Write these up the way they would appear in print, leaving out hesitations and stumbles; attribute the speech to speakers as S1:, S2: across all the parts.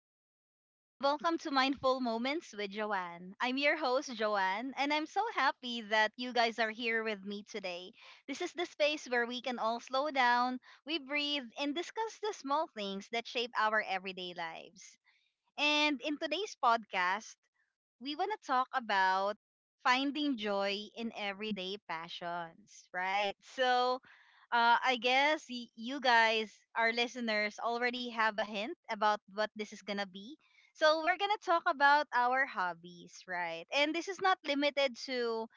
S1: Hi, everyone, and welcome to Mindful Moments with Joanne. I'm your host, Joanne, and I'm so happy that you guys are here with me today. This is the space where we can all slow down, we breathe, and discuss the small things that shape our everyday lives. And in today's podcast, we want to talk about finding joy in everyday passions, right? So, I guess you guys, our listeners, already have a hint about what this is going to be. So, we're going to talk about our hobbies, right? And this is not limited to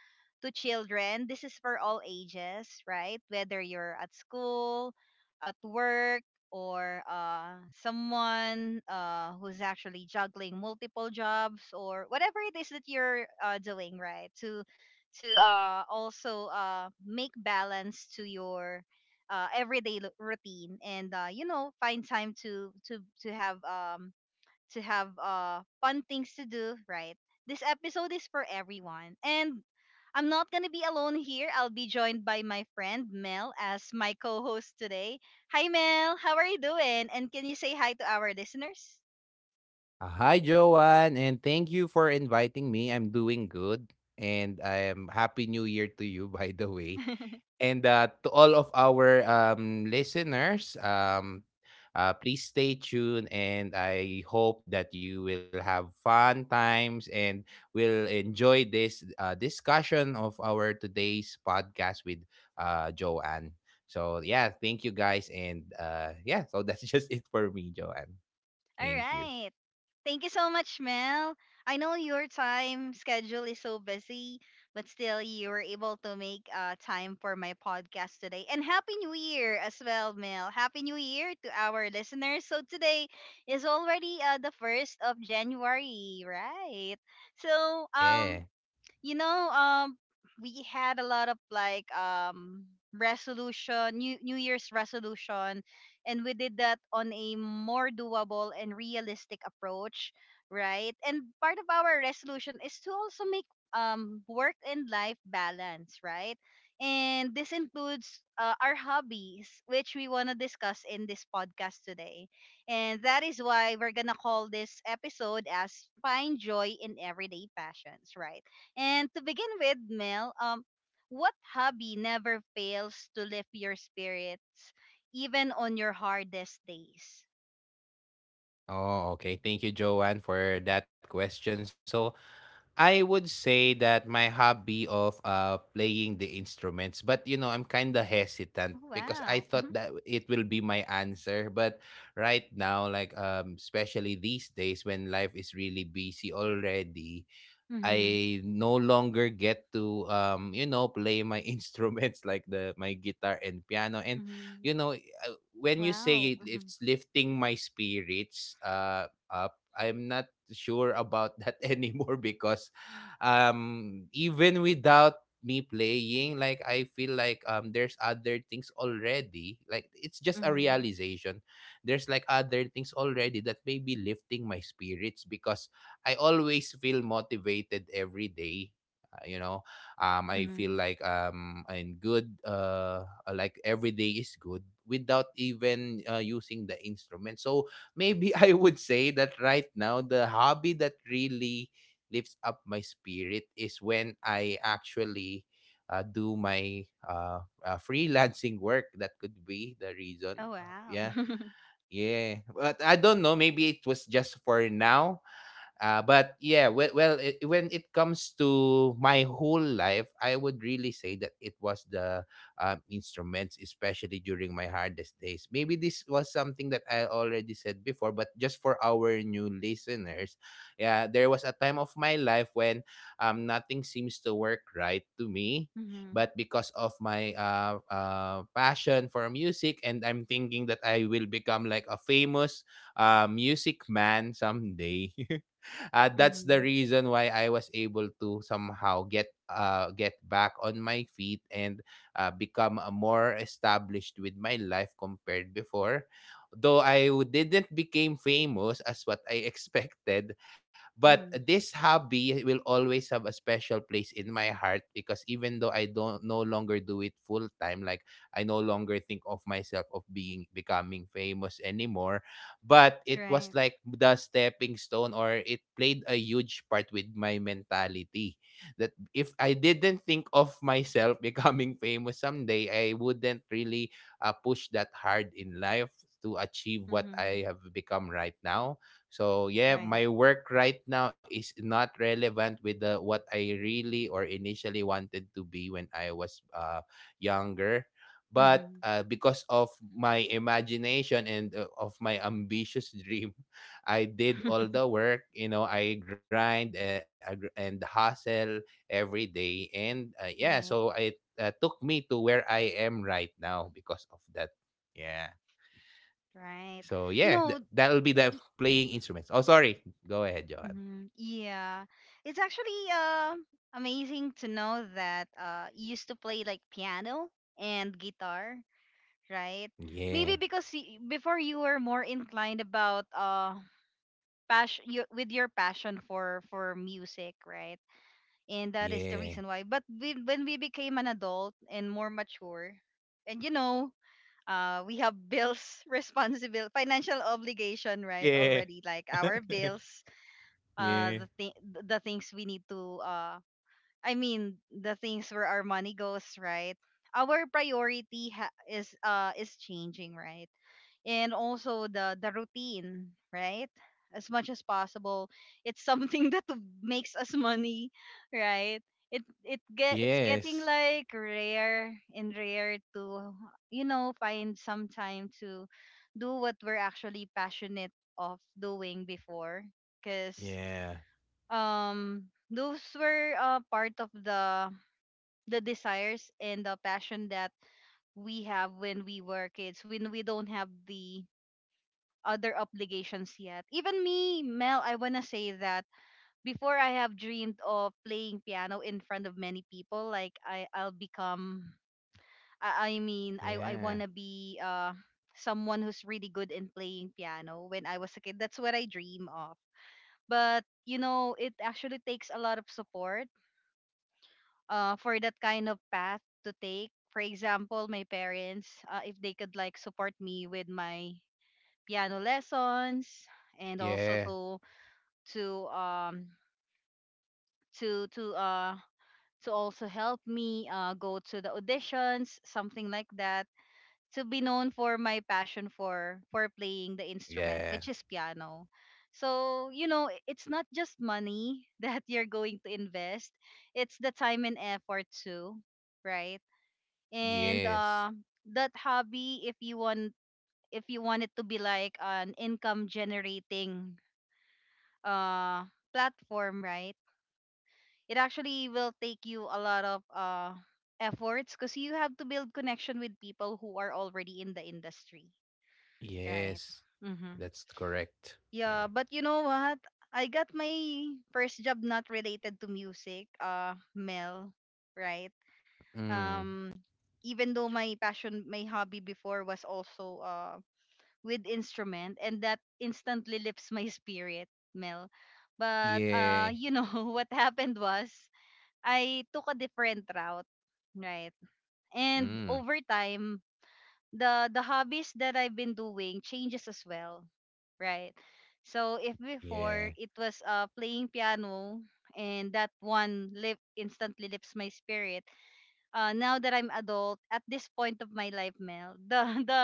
S1: to children. This is for all ages, right? Whether you're at school, at work, or someone who's actually juggling multiple jobs or whatever it is that you're doing right to also make balance to your everyday routine and find time to have to have fun things to do, right? This episode is for everyone. And I'm not gonna be alone here. I'll be joined by my friend Mel as my co-host today. Hi Mel, how are you doing? And can you say hi to our listeners?
S2: Hi, Joanne, and thank you for inviting me. I'm doing good, and I am Happy New Year to you, by the way, and to all of our listeners. Please stay tuned, and I hope that you will have fun times and will enjoy this discussion of our today's podcast with Joanne. So yeah, thank you guys, and yeah, so that's just it for me, Joanne.
S1: All
S2: Thank you.
S1: right. Thank you so much, Mel. I know your time schedule is so busy, but still, you were able to make time for my podcast today. And Happy New Year as well, Mel. Happy New Year to our listeners. So, today is already the 1st of January, right? So,
S2: Yeah.
S1: you know, um, we had a lot of resolution, new New Year's resolution, and we did that on a more doable and realistic approach, right? And part of our resolution is to also make work and life balance, right? And this includes our hobbies, which we want to discuss in this podcast today. And that is why we're gonna call this episode as Find Joy in Everyday Passions, right? And to begin with, Mel, what hobby never fails to lift your spirits, even on your hardest days?
S2: Oh, okay. Thank you, Joanne, for that question. So, I would say that my hobby of playing the instruments, but you know, I'm kind of
S1: Oh,
S2: hesitant because
S1: wow.
S2: I
S1: Mm-hmm.
S2: thought that it will be my answer, but right now, like especially these days when life is really busy already,
S1: Mm-hmm.
S2: I no longer get to play my instruments, like the my guitar and piano, and
S1: Mm-hmm.
S2: when you
S1: Wow.
S2: say it,
S1: Mm-hmm.
S2: it's lifting my spirits up, I'm not sure about that anymore because even without me playing, like I feel like there's other things already, like it's just a
S1: Mm-hmm.
S2: realization there's like other things already that may be lifting my spirits because I always feel motivated every day. Uh, you know, I feel
S1: Mm-hmm.
S2: like I'm good. Like every day is good without even using the instrument. So maybe I would say that right now the hobby that really lifts up my spirit is when I actually do my freelancing work. That could be the reason.
S1: Oh, wow.
S2: Yeah. Yeah, but I don't know. Maybe it was just for now. But yeah, well, when it comes to my whole life, I would really say that it was the instruments, especially during my hardest days. Maybe this was something that I already said before, but just for our new listeners, yeah, there was a time of my life when nothing seems to work right to me.
S1: Mm-hmm.
S2: But because of my passion for music, and I'm thinking that I will become like a famous music man someday. That's the
S1: Mm-hmm.
S2: reason why I was able to somehow get back on my feet and become more established with my life compared before. Though I didn't became famous as what I expected, but
S1: Mm-hmm.
S2: this hobby will always have a special place in my heart because even though I don't no longer do it full time, like I no longer think of myself of being becoming famous anymore. But it was
S1: Right.
S2: like the stepping stone, or it played a huge part with my mentality. That if I didn't think of myself becoming famous someday, I wouldn't really push that hard in life to achieve what
S1: Mm-hmm.
S2: I have become right now. So yeah, my
S1: Right.
S2: work right now is not relevant with the what I really or initially wanted to be when I was younger. but
S1: Mm-hmm.
S2: uh, because of my imagination and of my ambitious dream, I did all the work, you know, I grind and hustle every day, and yeah, so
S1: Right.
S2: it took me to where I am right now because of that, yeah.
S1: Right.
S2: So yeah,
S1: You know,
S2: that'll be the playing instruments. Oh, sorry, go ahead, Johan.
S1: Yeah, it's actually amazing to know that you used to play like piano and guitar, right? Maybe
S2: Yeah,
S1: because before you were more inclined about with your passion for music, right? And that is the
S2: yeah,
S1: reason why. But when we became an adult and more mature, and you know. We have bills, responsible, financial obligation, right?
S2: yeah.
S1: Already, like our bills, uh
S2: Yeah.
S1: the thing the things we need to the things where our money goes, right? Our priority is changing, right? And also the routine, right? As much as possible, it's something that makes us money, right? It's getting
S2: Yes,
S1: like rare and rare to you know find some time to do what we're actually passionate of doing before because
S2: yeah.
S1: those were part of the desires and the passion that we have when we were kids when we don't have the other obligations yet. Even me, Mel, I want to say that before, I have dreamed of playing piano in front of many people, like I I'll become I mean I want
S2: Yeah,
S1: to be someone who's really good in playing piano when I was a kid. That's what I dream of, but you know it actually takes a lot of support for that kind of path to take. For example, my parents, if they could like support me with my piano lessons and also
S2: yeah,
S1: to um to to uh to also help me go to the auditions, something like that, to be known for my passion for playing the instrument,
S2: yeah.
S1: which is piano. So you know, it's not just money that you're going to invest; it's the time and effort too, right? And
S2: Yes.
S1: that hobby, if you want it to be like an income generating uh platform, right, it actually will take you a lot of efforts because you have to build connection with people who are already in the industry, right?
S2: Yes.
S1: Mm-hmm.
S2: That's correct.
S1: Yeah,
S2: Yeah.
S1: but you know what, I got my first job not related to music, Mel, right?
S2: Mm.
S1: um even though my passion, my hobby before was also with instrument, and that instantly lifts my spirit, Mel. But
S2: Yeah.
S1: you know what happened was I took a different route, right? And
S2: Mm.
S1: over time, the hobbies that I've been doing changes as well, right? So if before
S2: Yeah.
S1: it was playing piano, and that one lift instantly lifts my spirit, now that I'm adult at this point of my life, Mel, the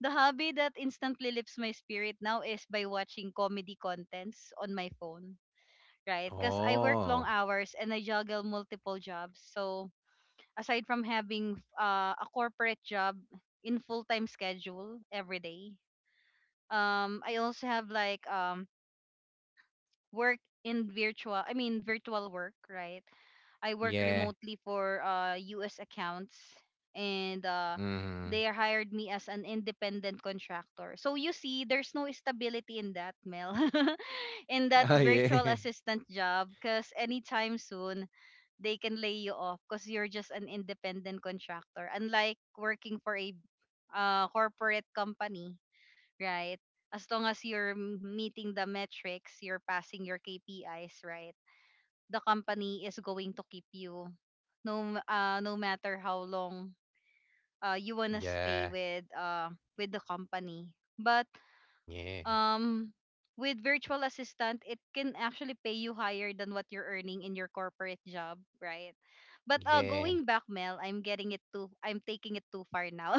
S1: the hobby that instantly lifts my spirit now is by watching comedy contents on my phone, right? Because I work
S2: Oh.
S1: long hours and I juggle multiple jobs. So aside from having a corporate job in full time schedule every day, I also have work in virtual. I mean virtual work, right? I work
S2: Yeah.
S1: remotely for US accounts, and
S2: Mm.
S1: they hired me as an independent contractor. So you see there's no stability in that, Mel, in
S2: Oh
S1: that
S2: yeah.
S1: virtual assistant job, cuz anytime soon they can lay you off, cuz you're just an independent contractor, unlike working for a corporate company, right? As long as you're meeting the metrics, you're passing your KPIs, right? The company is going to keep you no no matter how long you want to stay
S2: Yeah.
S1: with the company. But
S2: Yeah.
S1: um with virtual assistant, it can actually pay you higher than what you're earning in your corporate job, right? But
S2: Yeah.
S1: going back, Mel, I'm getting it too, I'm taking it too far now.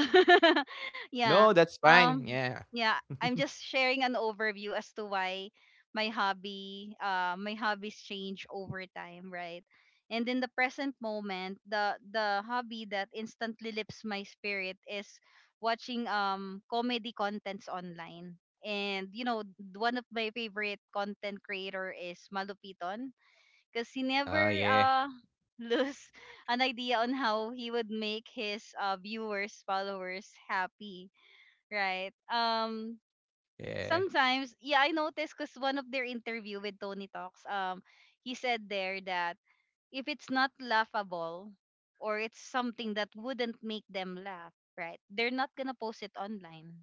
S1: Yeah.
S2: No, that's fine.
S1: um
S2: Yeah.
S1: yeah, I'm just sharing an overview as to why my hobby, my hobbies, change over time, right? And in the present moment, the hobby that instantly lifts my spirit is watching comedy contents online. And you know, one of my favorite content creator is Malupiton because he
S2: Oh yeah.
S1: never lose an idea on how he would make his viewers, followers happy, right?
S2: Yeah.
S1: Sometimes, yeah, I noticed because one of their interview with Tony Talks, he said there that if it's not laughable or it's something that wouldn't make them laugh, right? They're not gonna post it online,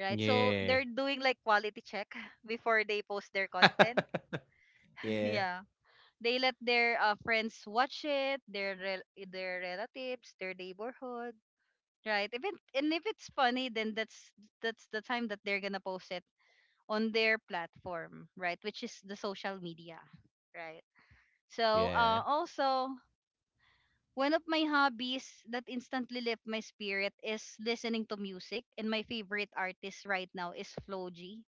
S1: right? So
S2: Yeah.
S1: they're doing like quality check before they post their content.
S2: Yeah.
S1: Yeah, they let their friends watch it, their their relatives, their neighborhood, right? If it, and if it's funny, then that's the time that they're gonna post it on their platform, right? Which is the social media, right? So
S2: Yeah.
S1: also. One of my hobbies that instantly lift my spirit is listening to music, and my favorite artist right now is Floji,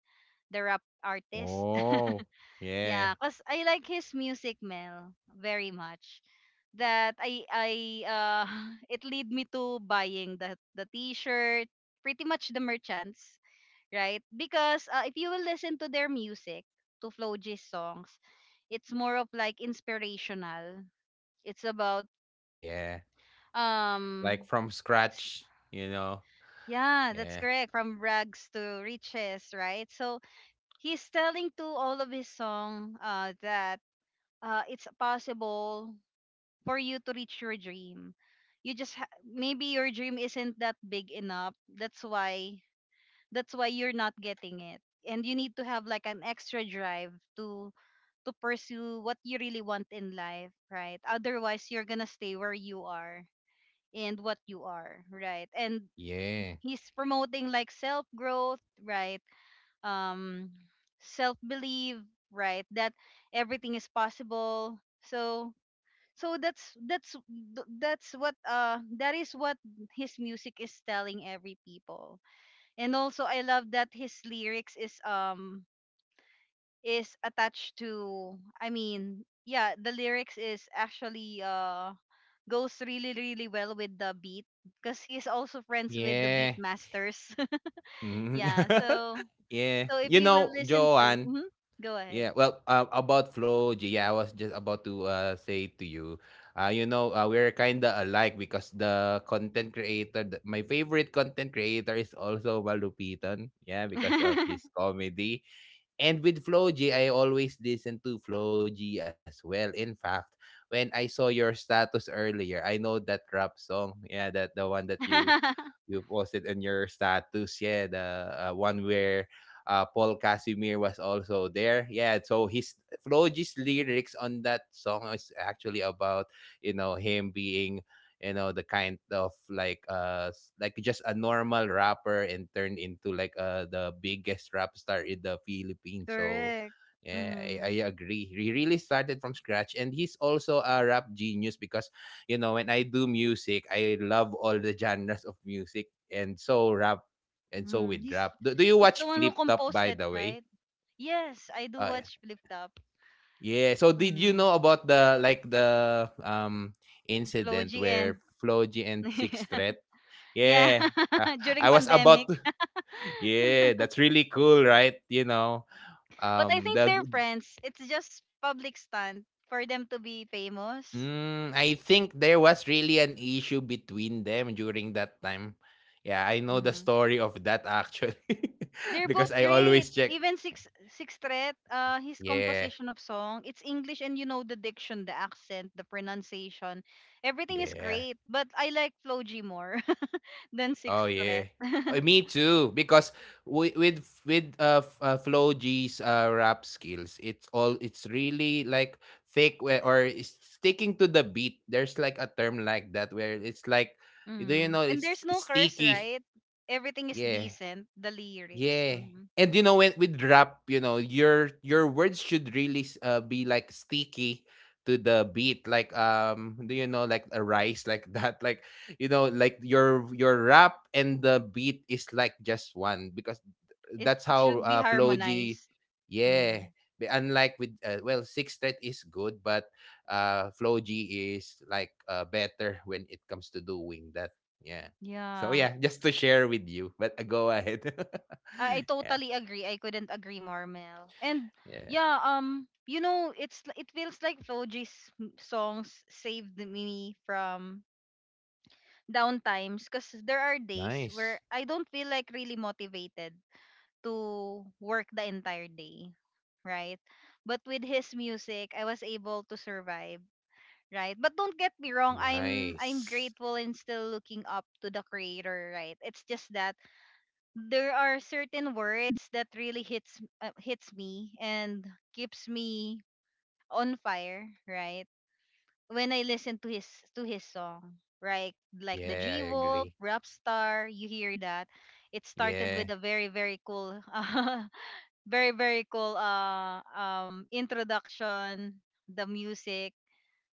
S1: the rap artist.
S2: Oh. Yeah.
S1: Yeah, cause I like his music, Mel, very much. That I it lead me to buying the T-shirt, pretty much the merchants, right? Because if you will listen to their music, to Flo G's songs, it's more of like inspirational. It's about
S2: Ah yeah. Like
S1: um
S2: from
S1: s-
S2: scratch, you know.
S1: yeah, that's
S2: Yeah.
S1: correct. From rags to riches, right? So he's telling to all of his song that it's possible for you to reach your dream. You just maybe your dream isn't that big enough. That's why you're not getting it. And you need to have like an extra drive to pursue what you really want in life, right? Otherwise, you're gonna stay where you are and what you are, right? And
S2: Yeah.
S1: he's promoting like self growth, right? Um, self belief, right? That everything is possible. So so that's that's that's what that is what his music is telling every people. And also I love that his lyrics is attached to, I mean yeah, the lyrics is actually goes really really well with the beat because he's also friends with the beat
S2: Yeah.
S1: masters.
S2: Mhm.
S1: Yeah, so
S2: Yeah.
S1: so if
S2: You
S1: you will
S2: know,
S1: listen to
S2: Joanne,
S1: Mhm, go ahead.
S2: yeah, well, about Floji, yeah, I was just about to say to you, you know, we're kind of alike because the content creator, th- my favorite content creator is also Malupitan, yeah, because of his comedy. And with Floji, I always listen to Floji as well. In fact, when I saw your status earlier, I know that rap song, yeah, that the one that you posted on your status, yeah, the one where Paul Casimir was also there. Yeah, so his Floji's lyrics on that song is actually about, you know, him being, you know, the kind of, like like just a normal rapper and turned into like the biggest rap star in the Philippines. So
S1: Correct.
S2: yeah, I
S1: Hmm.
S2: agree. He really started from scratch, and he's also a rap genius because, you know, when I do music, I love all the genres of music, and so rap and so
S1: Mm,
S2: with rap. Do you
S1: he's the
S2: watch
S1: one who
S2: Flip Top,
S1: composed
S2: by
S1: it,
S2: the way?
S1: right? Yes, I do
S2: Uh,
S1: watch Flip Top.
S2: yeah. So did you
S1: Mm,
S2: know about the incident
S1: Floji
S2: where
S1: and
S2: Floji and Six Threat?
S1: yeah,
S2: Yeah. Ah,
S1: during
S2: I was about
S1: pandemic.
S2: to Yeah, that's really cool, right? You know,
S1: But I
S2: um
S1: think
S2: the
S1: they're friends. It's just public stunt for them to be famous.
S2: I think there was really an issue between them during that time. Yeah, I know the
S1: Hmm.
S2: story of that actually
S1: They're
S2: because
S1: both
S2: I
S1: great.
S2: always check.
S1: Even six threat, his
S2: Yeah,
S1: composition of song, it's English and you know the diction, the accent, the pronunciation, everything is
S2: yeah.
S1: great. But I like Floji more than six
S2: Oh
S1: threat.
S2: yeah. Me too, because with Flo G's rap skills, it's really like thick or is sticking to the beat. There's like a term like that where it's like, do you
S1: Mm.
S2: know,
S1: And
S2: it's,
S1: there's
S2: it's
S1: no curse,
S2: sticky.
S1: right? Everything is
S2: Yeah.
S1: decent, the lyrics.
S2: Yeah.
S1: Mm.
S2: And you know, when with rap, you know, your words should really be like sticky to the beat, like do you know, like a rice, like that, like, you know, like your rap and the beat is like just one because
S1: It
S2: that's
S1: it
S2: how
S1: should be
S2: Flow G,
S1: harmonized. Mm.
S2: yeah. Unlike with well, six thread is good, but Flow G is like better when it comes to doing that, yeah. So
S1: Yeah.
S2: yeah, just to share with you. But go ahead.
S1: I
S2: yeah,
S1: totally agree. I couldn't agree more, Mel. And
S2: yeah.
S1: yeah, it feels like Floji's songs saved me from down times because there are days where
S2: Nice.
S1: I don't feel like really motivated to work the entire day, right? But with his music, I was able to survive, right? But don't get me wrong, I'm
S2: Nice.
S1: grateful and still looking up to the creator, right? It's just that there are certain words that really hits me and keeps me on fire, right? When I listen to his song, right? Like the
S2: Yeah, I
S1: G Wolf,
S2: agree.
S1: Rapstar, you hear that. It started
S2: Yeah.
S1: with a very very cool, very very cool introduction, the music,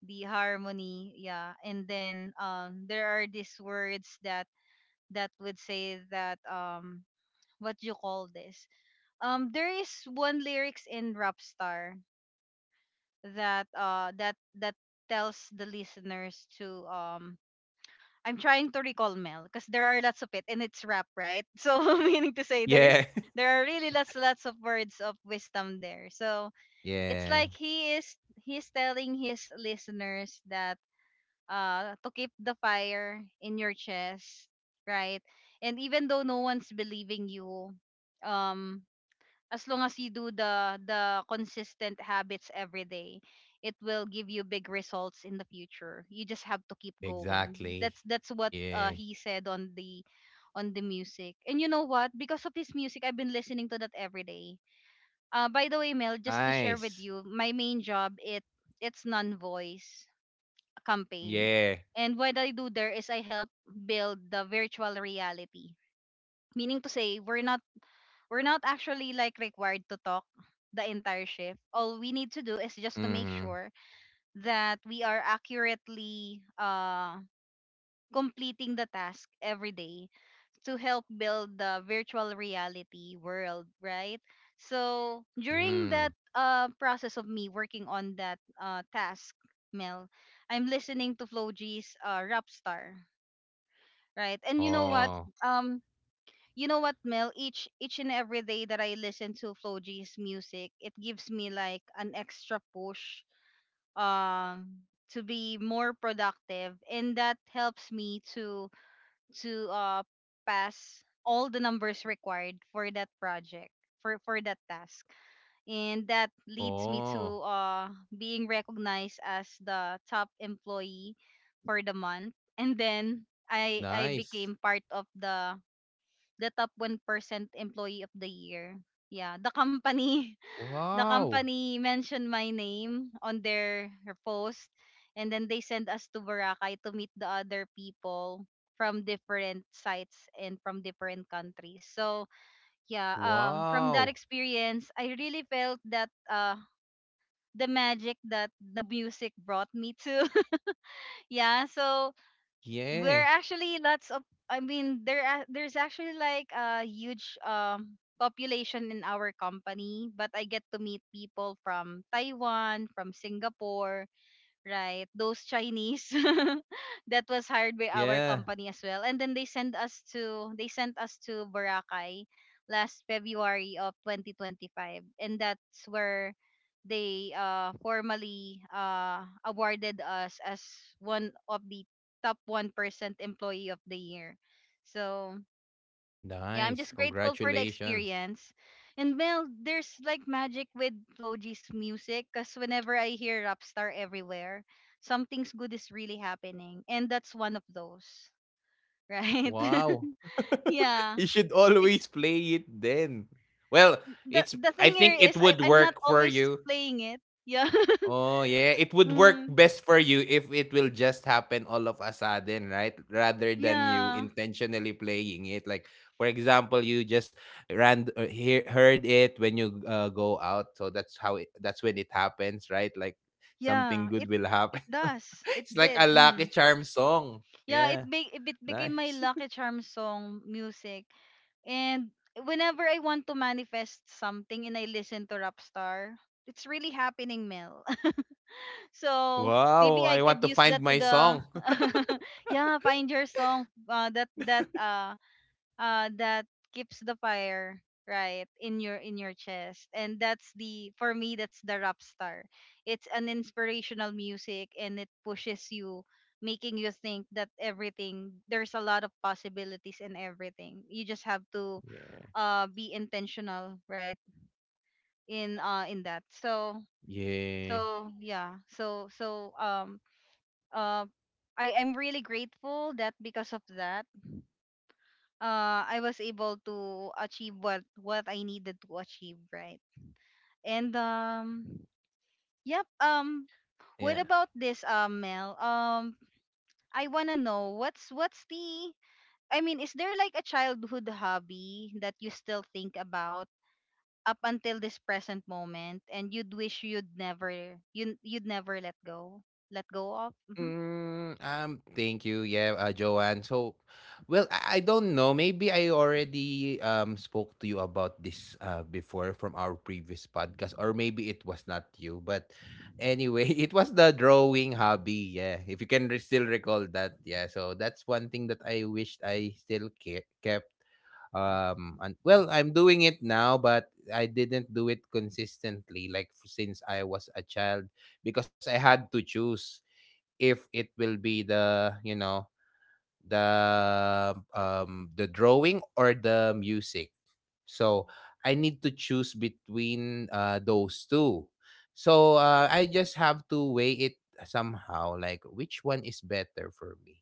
S1: the harmony, yeah. And then there are these words that would say that what you call this there is one lyrics in Rapstar that tells the listeners to I'm trying to recall, Mel, because there are lots of it and it's rap, right? So meaning to say
S2: Yeah.
S1: there are really lots of words of wisdom there. So it's
S2: Yeah.
S1: like he's telling his listeners that to keep the fire in your chest, right? And even though no one's believing you, um, as long as you do the consistent habits every day, it will give you big results in the future. You just have to keep going.
S2: Exactly.
S1: That's what
S2: Yeah.
S1: he said on the music. And you know what? Because of his music, I've been listening to that every day. By the way, Mel, just to share
S2: Nice.
S1: with you, my main job, it's non-voice campaign.
S2: Yeah.
S1: And what I do there is I help build the virtual reality. Meaning to say, we're not actually like required to talk the entire shift. All we need to do is just to make
S2: Mm.
S1: sure that we are accurately completing the task every day to help build the virtual reality world, right? So during
S2: Mm.
S1: that process of me working on that task, Mel, I'm listening to Floji's Rap Star, right? And you know what?
S2: Oh.
S1: Um, you know what, Mel? Each and every day that I listen to Floji's music, it gives me like an extra push um to be more productive, and that helps me to to uh pass all the numbers required for that project, for that task, and that leads me
S2: Oh.
S1: to being recognized as the top employee for the month. And then I
S2: Nice.
S1: became part of the top 1% employee of the year, yeah. The company the
S2: Wow.
S1: company mentioned my name on their post, and then they sent us to Boracay to meet the other people from different sites and from different countries. So yeah, from
S2: Wow.
S1: that experience I really felt that the magic that the music brought me to. Yeah, so
S2: Yeah.
S1: we're actually lots of I mean there a- there's actually like a huge population in our company, but I get to meet people from Taiwan, from Singapore, right? Those Chinese that was hired by our
S2: Yeah.
S1: company as well. And then they sent us to Boracay last February of 2025. And that's where they formally awarded us as one of the top 1% employee of the year. So yeah, I'm
S2: Nice.
S1: just grateful for the
S2: Congratulations.
S1: experience. And Mel, there's like magic with Floji's music because whenever I hear Rapstar everywhere, something's good is really happening. And that's one of those, right?
S2: Wow.
S1: Yeah.
S2: You should
S1: It's
S2: always play it then. Well, it's
S1: the
S2: I
S1: thing
S2: think
S1: here
S2: it
S1: is
S2: would
S1: I'm not
S2: work for
S1: always
S2: you.
S1: playing it. Yeah.
S2: Oh yeah, it would work
S1: Mm,
S2: best for you if it will just happen all of a sudden, right? Rather than you
S1: yeah.
S2: intentionally playing it. Like, for example, you just heard it when you go out, so that's when it happens, right? Like
S1: Yeah.
S2: something good will
S1: It
S2: happen.
S1: does. It
S2: It's like a
S1: did.
S2: Lucky
S1: Mm.
S2: Charm song.
S1: Yeah,
S2: Yeah,
S1: it became my
S2: nice.
S1: Lucky Charm song music. And whenever I want to manifest something and I listen to Rapstar, it's really happening, Mel. So
S2: Wow,
S1: maybe I
S2: I want
S1: could
S2: to
S1: use
S2: find
S1: that to
S2: my
S1: the
S2: song.
S1: yeah, find your song. That keeps the fire right in your chest, and that's the for me that's the Rap Star. It's an inspirational music and it pushes you, making you think that everything there's a lot of possibilities in everything. You just have to
S2: Yeah.
S1: be intentional, right? In that. So
S2: Yeah.
S1: so yeah so so um uh I am really grateful that because of that uh I was able to achieve what I needed to achieve, right? And yep.
S2: Yeah.
S1: What about this, Mel? I wanna know what's the I mean, is there like a childhood hobby that you still think about up until this present moment, and you'd wish you'd never let go of? Mm-hmm.
S2: Thank you. Yeah, Joanne. So, well, I don't know. Maybe I already spoke to you about this before from our previous podcast, or maybe it was not you. But anyway, it was the drawing hobby. Yeah, if you can still recall that. Yeah, so that's one thing that I wished I still kept. And well, I'm doing it now, but I didn't do it consistently, like since I was a child, because I had to choose if it will be the drawing or the music, so I need to choose between those two. So I just have to weigh it somehow, like which one is better for me.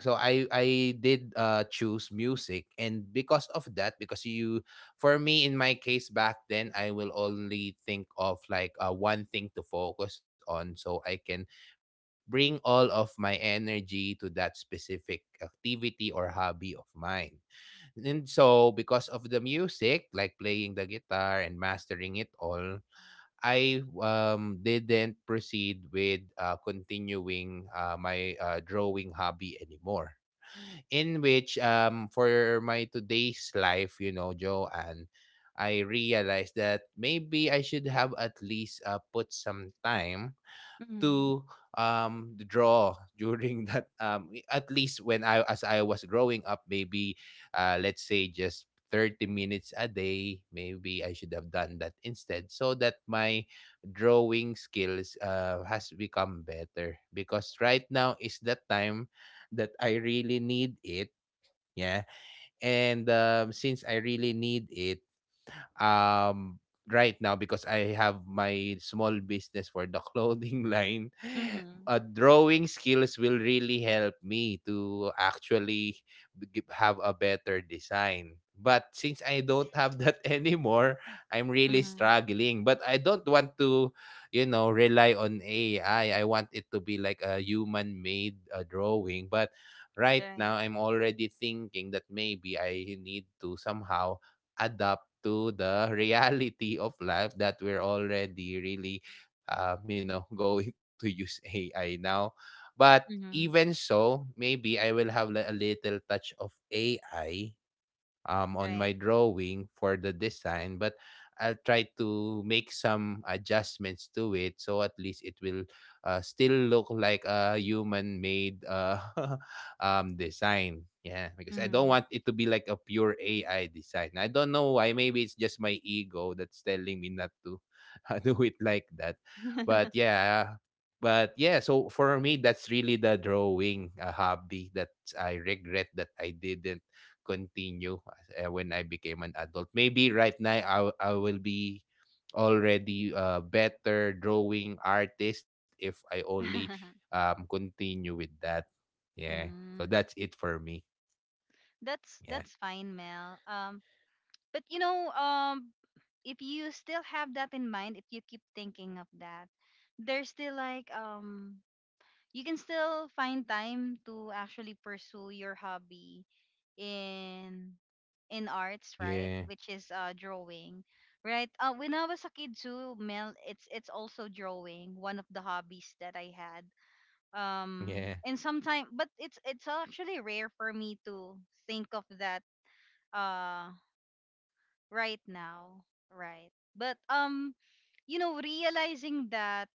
S2: So I did choose music, and because of that, because you for me in my case back then, I will only think of like one thing to focus on so I can bring all of my energy to that specific activity or hobby of mine. And so because of the music, like playing the guitar and mastering it all, I didn't proceed with continuing my drawing hobby anymore, in which for my today's life, you know, Joanne, I realized that maybe I should have at least put some time
S1: Mhm.
S2: to draw during that, at least when I as I was growing up, maybe let's say just 30 minutes a day. Maybe I should have done that instead, so that my drawing skills has become better because right now is the time that I really need it. Yeah. And since I really need it um, right now because I have my small business for the clothing line,
S1: Mm-hmm.
S2: drawing skills will really help me to actually have a better design. But since I don't have that anymore, I'm really
S1: Mm-hmm.
S2: struggling. But I don't want to, you know, rely on AI. I want it to be like a human made drawing. But right
S1: Right.
S2: now I'm already thinking that maybe I need to somehow adapt to the reality of life that we're already really going to use AI now. But
S1: Mm-hmm.
S2: even so, maybe I will have a little touch of AI on my
S1: Right.
S2: drawing for the design, but I'll try to make some adjustments to it so at least it will still look like a human made design. Yeah, because I don't
S1: Mhm.
S2: want it to be like a pure AI design. I don't know why. Maybe it's just my ego that's telling me not to do it like that. But yeah, but yeah, so for me, that's really the drawing hobby that I regret that I didn't continue when I became an adult. Maybe right now I will be already a better drawing artist if I only continue with that. Yeah. So that's
S1: Mm,
S2: it for me.
S1: that's
S2: Yeah.
S1: that's fine, Mel. But you know, if you still have that in mind, if you keep thinking of that, there's still like you can still find time to actually pursue your hobby in arts, right?
S2: Yeah.
S1: Which is drawing, right? When I was a kid too, Mel, it's also drawing, one of the hobbies that I had. Um,
S2: Yeah.
S1: and sometimes, but it's actually rare for me to think of that uh right now, right? But um, you know, realizing that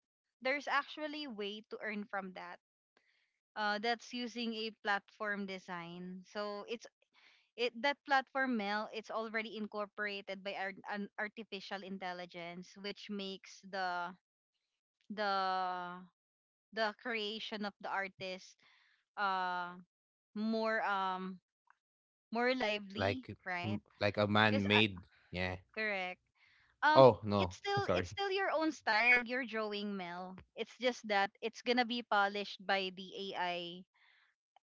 S1: there's actually a way to earn from that, that's using a platform design. So it's it that platform, mail it's already incorporated by an artificial intelligence, which makes the the creation of the artist uh more more lively,
S2: Like
S1: right?
S2: like a
S1: Because
S2: man-made. Yeah.
S1: correct. Um,
S2: Oh, no.
S1: it's
S2: Sorry.
S1: still your own style, your drawing, Mel. It's just that it's gonna be polished by the AI,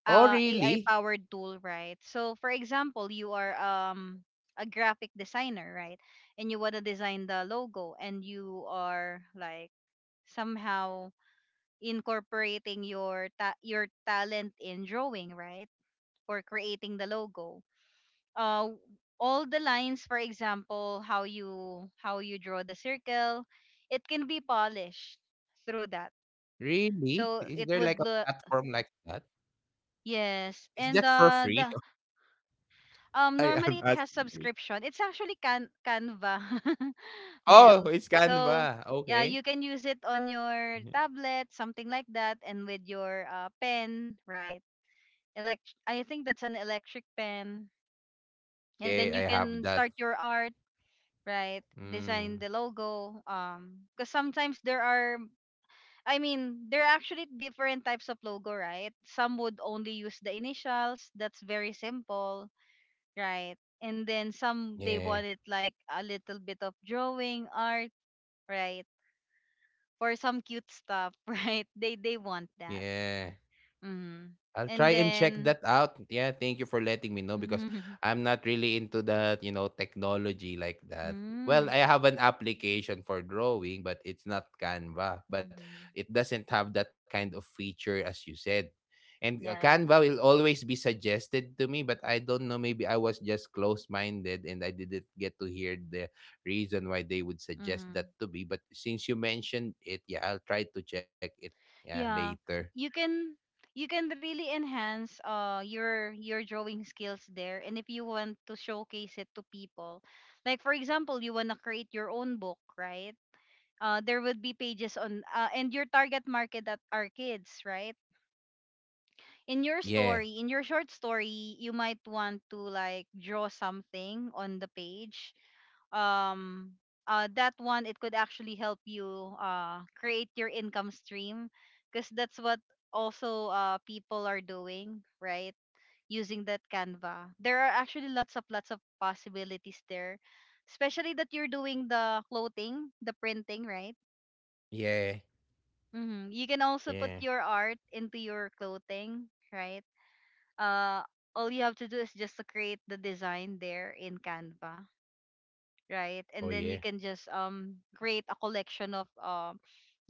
S2: Oh,
S1: AI
S2: really?
S1: powered tool, right? So, for example, you are a graphic designer, right? And you wanna design the logo, and you are like somehow incorporating your your talent in drawing, right? For creating the logo uh all the lines, for example how you draw the circle, it can be polished through that
S2: Really?
S1: so
S2: Is there
S1: it
S2: like a
S1: would look
S2: platform like that?
S1: yes.
S2: Is
S1: And
S2: that for free?
S1: the
S2: I
S1: normally
S2: am
S1: it has
S2: asking you.
S1: subscription, it's actually can canva. Mel,
S2: Oh, it's
S1: so
S2: Canva.
S1: yeah,
S2: Okay.
S1: you can use it on your tablet, something like that, and with your uh pen, right? elect I think that's an electric pen, and
S2: Yeah,
S1: then
S2: I
S1: you
S2: have
S1: can
S2: that.
S1: start your art, right?
S2: Mm,
S1: Design the logo, because sometimes there are there are actually different types of logo, right? Some would only use the initials, that's very simple, right? And then some they
S2: yeah,
S1: want it like a little bit of drawing art, right? Or some cute stuff, right, they want that.
S2: yeah.
S1: Mm.
S2: I'll
S1: And
S2: try and check
S1: then
S2: that out. Yeah, thank you for letting me know because
S1: mm-hmm.
S2: I'm not really into that, you know, technology like that.
S1: Mm-hmm.
S2: Well, I have an application for drawing, but it's not Canva, but it doesn't have that kind of feature as you said. And
S1: Yeah.
S2: Canva will always be suggested to me, but I don't know. Maybe I was just close minded and I didn't get to hear the reason why they would suggest
S1: Mm-hmm.
S2: that to me. But since you mentioned it, yeah, I'll try to check it yeah,
S1: Yeah,
S2: later.
S1: you can really enhance your drawing skills there. And if you want to showcase it to people, like for example you want to create your own book, right? Uh there would be pages on and your target market that are kids, right? In your
S2: Yeah.
S1: story, in your short story, you might want to like draw something on the page, um that one, it could actually help you create your income stream because that's what also people are doing, right? Using that Canva, there are actually lots of possibilities there, especially that you're doing the clothing, the printing, right?
S2: Yeah.
S1: Mm-hmm. You can also put
S2: Yeah.
S1: your art into your clothing, right? Uh, all you have to do is just to create the design there in Canva, right?
S2: Oh,
S1: And then you
S2: yeah.
S1: can just create a collection of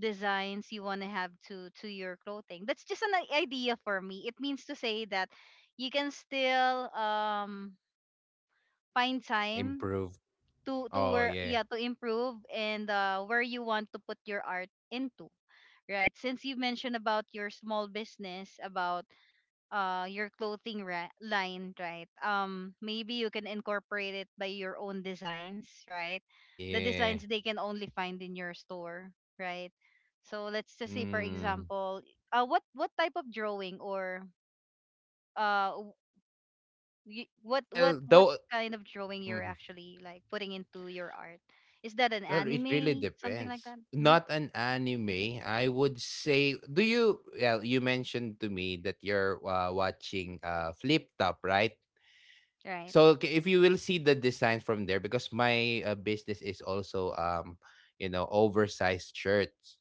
S1: designs you want to have to your clothing. That's just an idea for me. It means to say that you can still find
S2: Yeah,
S1: time
S2: improved.
S1: to
S2: Oh,
S1: where
S2: yeah.
S1: yeah, to improve and where you want to put your art into, right? Since you mentioned about your small business about your clothing line, right? Um, maybe you can incorporate it by your own designs, right? The designs
S2: Yeah.
S1: they can only find in your store, right? So let's just say for
S2: Mm.
S1: example what type of drawing or uh w-
S2: Well,
S1: what
S2: though,
S1: kind of drawing you're
S2: mm,
S1: actually like putting into your art. Is that an
S2: well, it really
S1: anime, something like
S2: depends.
S1: that? Hmm,
S2: Not an anime, I would say. Do you? Well, you mentioned to me that you're watching Flip Top, right?
S1: right.
S2: So if you will see the design from there, because my business is also you know, oversized shirts.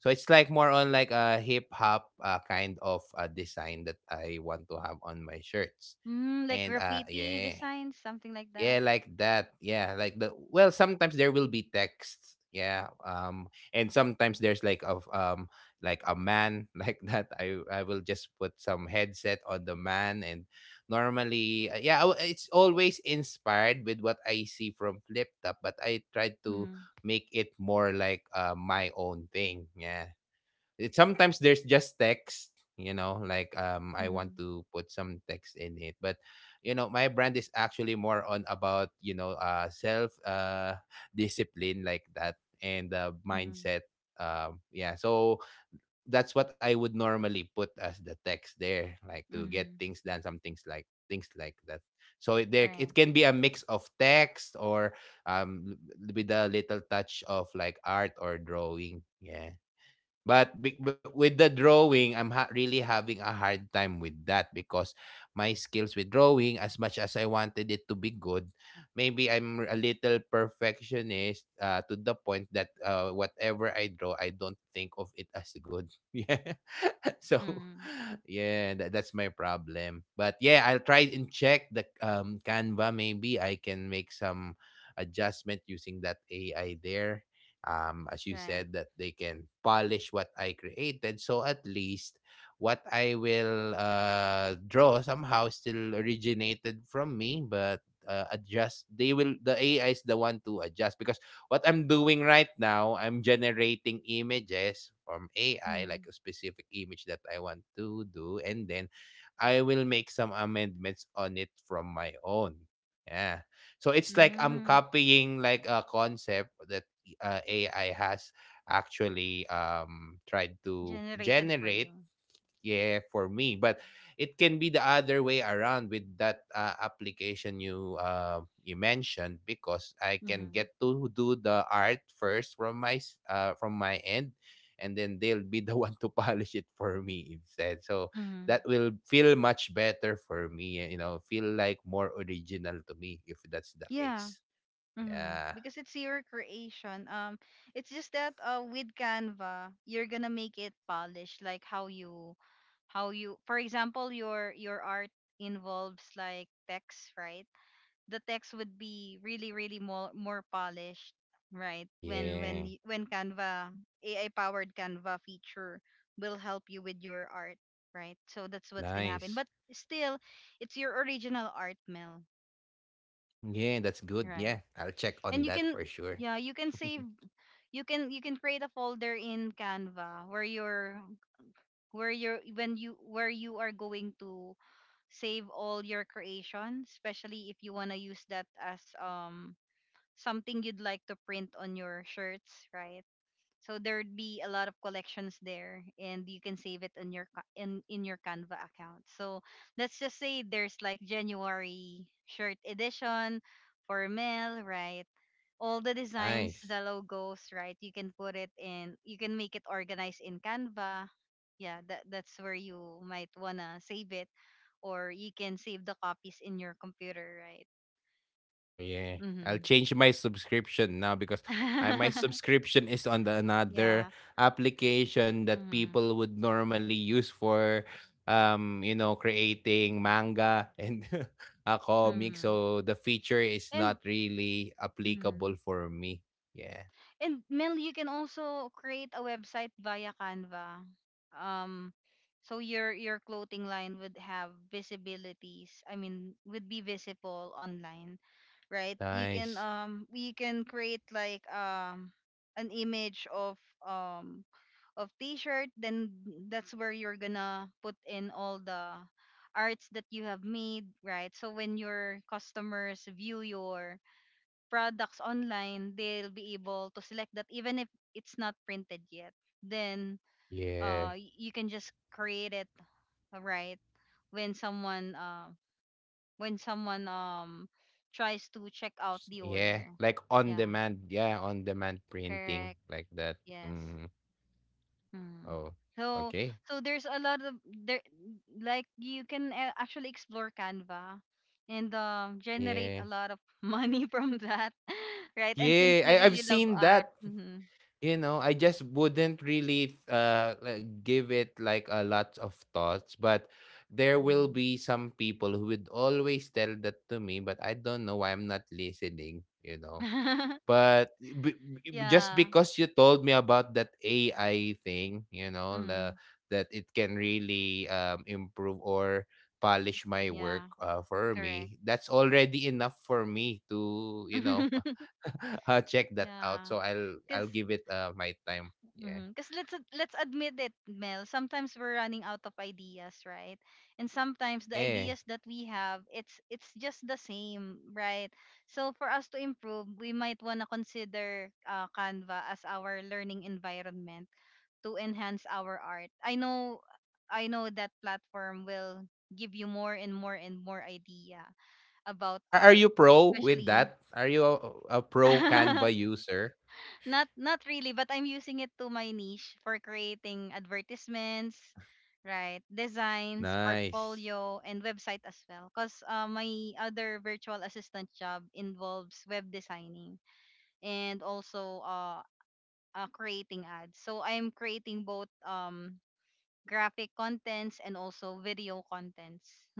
S2: So it's like more on like a hip hop kind of design that I want to have on my shirts.
S1: Mm, like
S2: And
S1: graffiti
S2: yeah.
S1: designs, something like
S2: Yeah,
S1: that.
S2: like that. Yeah, like the well, sometimes there will be texts. Yeah. And sometimes there's like of like a man like that. I will just put some headset on the man and normally yeah, it's always inspired with what I see from Flip Top, but I try to
S1: Mm-hmm.
S2: make it more like my own thing. Yeah. It, sometimes there's just text, you know, like I want
S1: Mm-hmm.
S2: to put some text in it. But you know, my brand is actually more on about, you know, self discipline like that and
S1: Mm-hmm.
S2: mindset. Yeah, so that's what I would normally put as the text there, like to get
S1: Mm-hmm.
S2: things done, some things like that. So it, there
S1: Right.
S2: it can be a mix of text or um with a little touch of like art or drawing. Yeah. But with the drawing, I'm really having a hard time with that because my skills with drawing, as much as I wanted it to be good, maybe I'm a little perfectionist to the point that whatever I draw, I don't think of it as good. Yeah. so,
S1: Mm,
S2: yeah, that's my problem. But yeah, I'll try and check the Canva. Maybe I can make some adjustment using that AI there as you
S1: right.
S2: said, that they can polish what I created. So at least what I will draw somehow still originated from me, but adjust. They will. The AI is the one to adjust because what I'm doing right now, I'm generating images from AI, like
S1: Mhm.
S2: a specific image that I want to do, and then I will make some amendments on it from my own. Yeah. So it's like I'm
S1: Mm,
S2: copying like a concept that AI has actually tried to
S1: generated for
S2: generate.
S1: you.
S2: Yeah, for me, but it can be the other way around with that application you you mentioned because I can
S1: Mhm.
S2: get to do the art first from my from my end, and then they'll be the one to polish it for me instead. So
S1: Mhm.
S2: that will feel much better for me and you know feel like more original to me if that's the
S1: Yeah.
S2: case
S1: Mhm.
S2: yeah
S1: Because it's your creation. Um, it's just that with Canva, you're going to make it polished like how you for example your art involves like text, right? The text would be really more polished, right? when when
S2: yeah
S1: y- when canva ai powered canva feature will help you with your art, right? So that's what's gonna happen, but
S2: nice.
S1: still, it's your original art, Mel,
S2: Yeah, that's good.
S1: right?
S2: Yeah, I'll check
S1: And
S2: on
S1: you
S2: that
S1: can,
S2: for sure.
S1: yeah, you can save, you can create a folder in Canva where you're when you where you are going to save all your creations, especially if you want to use that as something you'd like to print on your shirts, right? So there'd be a lot of collections there, and you can save it on your in your Canva account. So let's just say there's like January shirt edition for male, right? All the designs,
S2: Nice.
S1: the logos, right? You can put it in. You can make it organized in Canva. Yeah, that's where you might wanna save it, or you can save the copies in your computer, right?
S2: Oh yeah.
S1: Mm-hmm.
S2: I'll change my subscription now because my subscription is on the another
S1: yeah.
S2: application that
S1: Mm-hmm.
S2: people would normally use for you know creating manga and a comic
S1: Mm-hmm.
S2: so the feature is
S1: And
S2: not really
S1: mm-hmm.
S2: applicable for me. Yeah.
S1: And Mel, you can also create a website via Canva. Um, so your clothing line would have visibilities. I mean, would be visible online, right?
S2: Nice.
S1: You can create like an image of, um of t-shirt. Then that's where you're gonna put in all the arts that you have made, right? So when your customers view your products online, they'll be able to select that even if it's not printed yet. Then
S2: Yeah.
S1: you can just create it, right, when someone tries to check out the
S2: Yeah,
S1: order.
S2: like on
S1: Yeah,
S2: demand. Yeah, on demand
S1: correct.
S2: printing like that.
S1: Yes.
S2: Mm.
S1: Mm.
S2: Oh,
S1: So
S2: okay.
S1: there's a lot of there like you can, actually, explore Canva and, generate a
S2: Yeah.
S1: lot of money from that, right? And since
S2: Yeah, I
S1: you
S2: I've
S1: really love
S2: seen
S1: art,
S2: that.
S1: mm-hmm.
S2: You know, I just wouldn't really like, give it like a lot of thoughts, but there will
S1: Mm-hmm.
S2: be some people who would always tell that to me, but I don't know why I'm not listening, you know. But just
S1: yeah.
S2: because you told me about that AI thing, you know,
S1: Mm-hmm.
S2: that it can really improve or polish my
S1: Yeah.
S2: work for
S1: Correct.
S2: me, that's already enough for me to, you know, check that
S1: yeah.
S2: out. So I'll
S1: Cause,
S2: I'll give it my time.
S1: mhm,
S2: Yeah.
S1: cause let's admit it, Mel. Sometimes we're running out of ideas, right? And sometimes the
S2: Yeah.
S1: ideas that we have, it's just the same, right? So for us to improve, we might wanna consider, Canva as our learning environment to enhance our art. I know that platform will give you more and more idea about
S2: Are
S1: art,
S2: you pro with
S1: especially.
S2: that? Are you a pro Canva user?
S1: not not really, but I'm using it to my niche for creating advertisements, right? Designs,
S2: Nice.
S1: portfolio, and website as well. Cause, my other virtual assistant job involves web designing and also, creating ads. So I'm creating both, graphic contents and also video contents,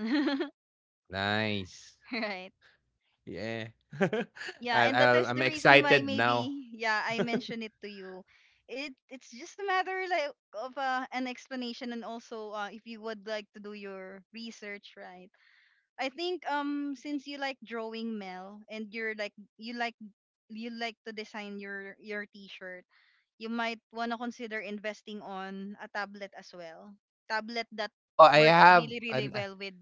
S2: Nice.
S1: right?
S2: Yeah.
S1: Yeah, and that is
S2: I'm
S1: the reason why
S2: excited now.
S1: maybe, yeah, I mentioned it to you. It's just a matter like of, an explanation and also, if you would like to do your research, right? I think, since you like drawing, Mel, and you're like you like you like to design your t-shirt, you might wanna consider investing on a tablet as well. Tablet that
S2: oh, I
S1: works
S2: have
S1: really
S2: an
S1: well with,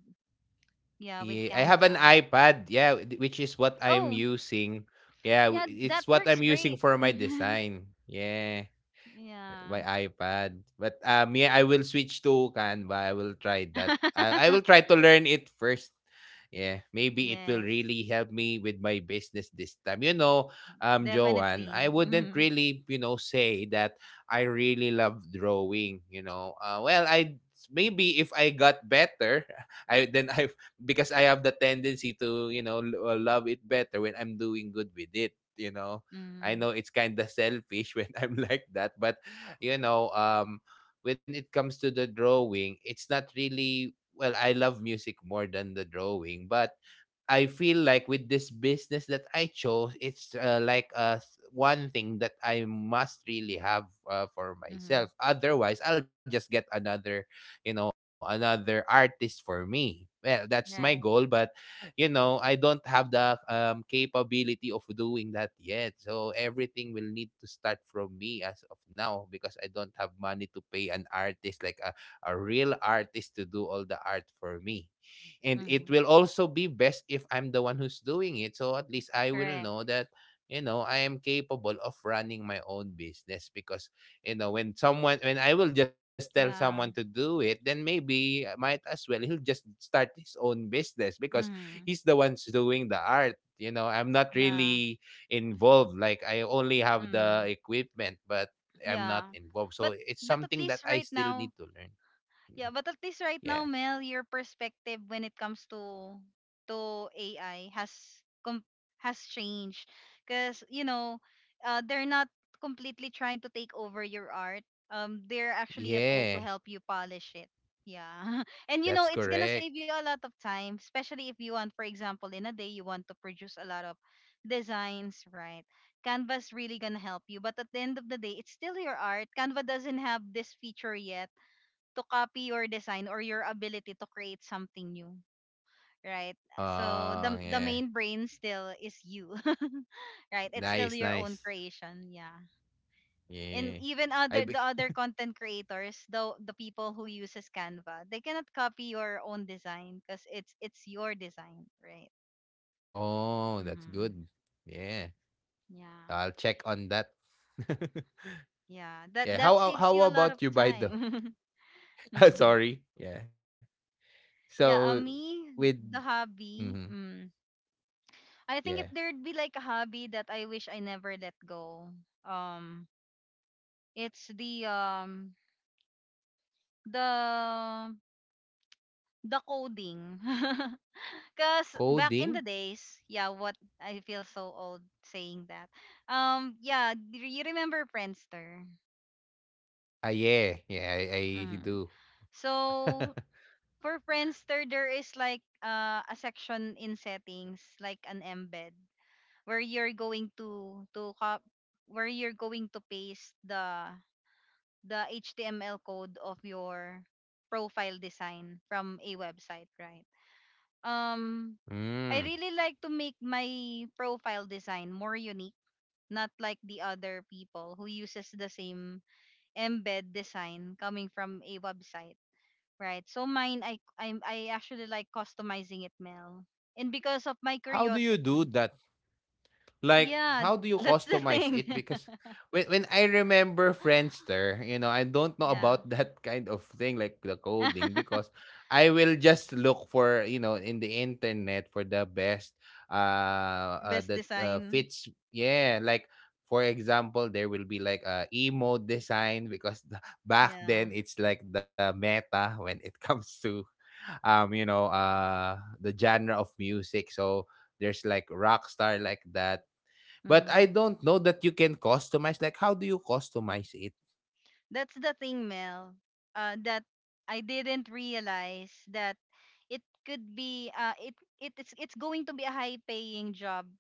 S1: yeah, with
S2: yeah, I have an
S1: Canva.
S2: iPad. Yeah, which is what I'm
S1: Oh
S2: using. Yeah,
S1: yeah, that
S2: it's what
S1: works
S2: I'm using
S1: great.
S2: for my design. Yeah.
S1: yeah.
S2: My iPad. But me, I will switch to Canva. I will try that. I will try to learn it first. Yeah, maybe it will
S1: Yes,
S2: really help me with my business this time. You know, Joanne, I
S1: definitely.
S2: wouldn't
S1: Mm-hmm.
S2: really, you know, say that I really love drawing. You know, well, I maybe if I got better, I then I because I have the tendency to, you know, love it better when I'm doing good with it. You know, I
S1: Mm-hmm.
S2: know it's kind of selfish when I'm like that, but you know when it comes to the drawing it's not really well I love music more than the drawing but I feel like with this business that I chose, it's like one thing that I must really have for
S1: Mm-hmm.
S2: myself. Otherwise, I'll just get another, you know, another artist for me. Well, that's my goal,
S1: Right.
S2: but you know, I don't have the capability of doing that yet. So everything will need to start from me as of now because I don't have money to pay an artist like a real artist to do all the art for me and it
S1: Mm-hmm.
S2: will also be best if I'm the one who's doing it. So at least I will
S1: Correct.
S2: know that you know I am capable of running my own business because you know when I will just tell someone to
S1: Yeah.
S2: do it, then maybe I might as well he'll just start his own business because he's
S1: Mm-hmm.
S2: the one's doing the art. You know, I'm not
S1: Yeah.
S2: really involved. Like I only have the
S1: Mm-hmm.
S2: equipment, but I'm not
S1: Yeah.
S2: involved.
S1: But
S2: So it's
S1: at
S2: something that
S1: least
S2: I
S1: right
S2: still
S1: now,
S2: need to learn.
S1: yeah,
S2: Mhm.
S1: but at least right now,
S2: Yeah.
S1: Mel, your perspective when it comes to AI com- has changed, because you know, they're not completely trying to take over your art. They're actually a tool to
S2: Yeah.
S1: help you polish it. Yeah, and you
S2: That's
S1: know it's gonna
S2: correct.
S1: save you a lot of time, especially if you want, for example, in a day you want to produce a lot of designs, right? Canva's really gonna help you, but at the end of the day, it's still your art. Canva doesn't have this feature yet to copy your design or your ability to create something new, right? So
S2: Oh,
S1: the
S2: yeah.
S1: main brain still is you, right? It's still
S2: Nice,
S1: your own
S2: nice.
S1: creation, yeah. And
S2: Yeah.
S1: even
S2: I
S1: other
S2: be
S1: the other content creators, the people who uses Canva, they cannot copy your own design, because it's your design, right?
S2: Oh, that's
S1: Mm-hmm.
S2: good. Yeah.
S1: Yeah,
S2: I'll check on that.
S1: yeah, that
S2: Yeah,
S1: that saves
S2: how
S1: you a lot of
S2: about you, Baido?
S1: time.
S2: Ah,
S1: mm.
S2: sorry. Yeah. So
S1: Yeah,
S2: with
S1: me, the
S2: mhm,
S1: hobby, mm, I
S2: yeah.
S1: think if there'd be like a hobby that I wish I never let go, um, it's the, the the coding. Cause back
S2: Coding?
S1: in the days, yeah, what, I feel so old saying that. Yeah, do you remember Friendster?
S2: Ah, yeah. Yeah, I
S1: Hmm.
S2: do.
S1: So for Friendster, there is like, a section in settings, like an embed, where you're going to cop where you're going to paste the HTML code of your profile design from a website, right? Um,
S2: Mm.
S1: I really like to make my profile design more unique, not like the other people who uses the same embed design coming from a website, right? So mine, I actually like customizing it, Mel, and because of my
S2: How do you do
S1: curiosity,
S2: that? Like,
S1: yeah,
S2: how do you
S1: that's the
S2: customize
S1: thing,
S2: it? Because when I remember Friendster, you know, I don't know
S1: yeah,
S2: about that kind of thing, like the coding, because I will just look for, you know, in the internet for the best uh
S1: best
S2: that
S1: design,
S2: fits. Yeah, like for example, there will be like a emo design because back then
S1: yeah.
S2: it's like the meta when it comes to you know the genre of music so there's like rock star like that but I
S1: Hmm.
S2: don't know that you can customize. Like, how do you customize it?
S1: That's the thing, Mel, that I didn't realize that it could be, it's going to be a high paying job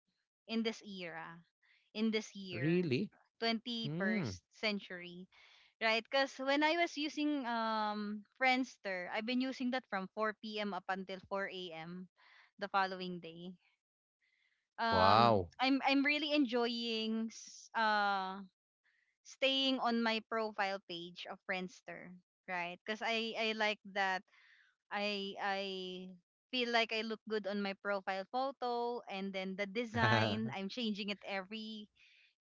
S1: in this era, in this year,
S2: Really? Hmm.
S1: 21st century, right? Because when I was using Friendster, I've been using that from 4 p.m. up until 4 a.m. the following day.
S2: Wow.
S1: I'm really enjoying staying on my profile page of Friendster, right? Because I like that I feel like I look good on my profile photo, and then the design I'm changing it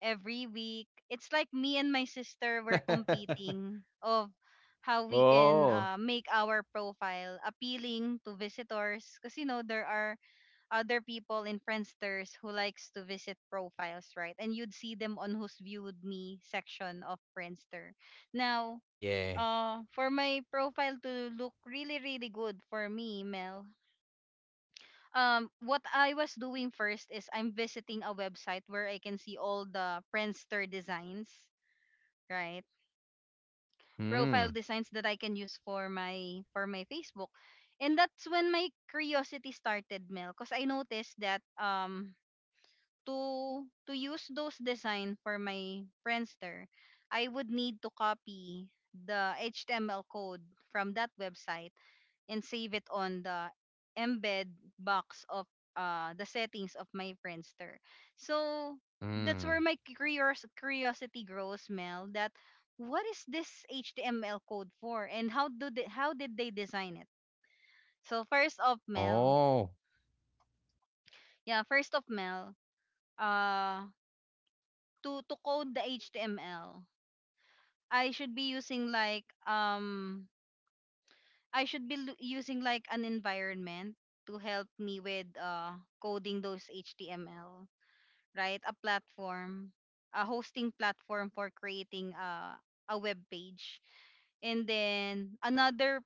S1: every week. It's like me and my sister were competing of how we can,
S2: oh.
S1: make our profile appealing to visitors, because you know there are other people in Friendsters who likes to visit profiles, right? And you'd see them on who's viewed me section of Friendster. Now,
S2: Yeah.
S1: for my profile to look really, really good for me, Mel, what I was doing first is I'm visiting a website where I can see all the Friendster designs, right?
S2: Hmm.
S1: Profile designs that I can use for my Facebook. And that's when my curiosity started, Mel, because I noticed that, to use those design for my Friendster, I would need to copy the HTML code from that website and save it on the embed box of, the settings of my Friendster. So that's
S2: Hmm.
S1: where my curiosity grows, Mel. That, what is this HTML code for, and how do they, how did they design it? So first of Mel,
S2: Oh.
S1: yeah, first of Mel, uh, to code the HTML. I should be using like, I should be lu- using like an environment to help me with, coding those HTML, right? A platform, a hosting platform for creating, a web page, and then another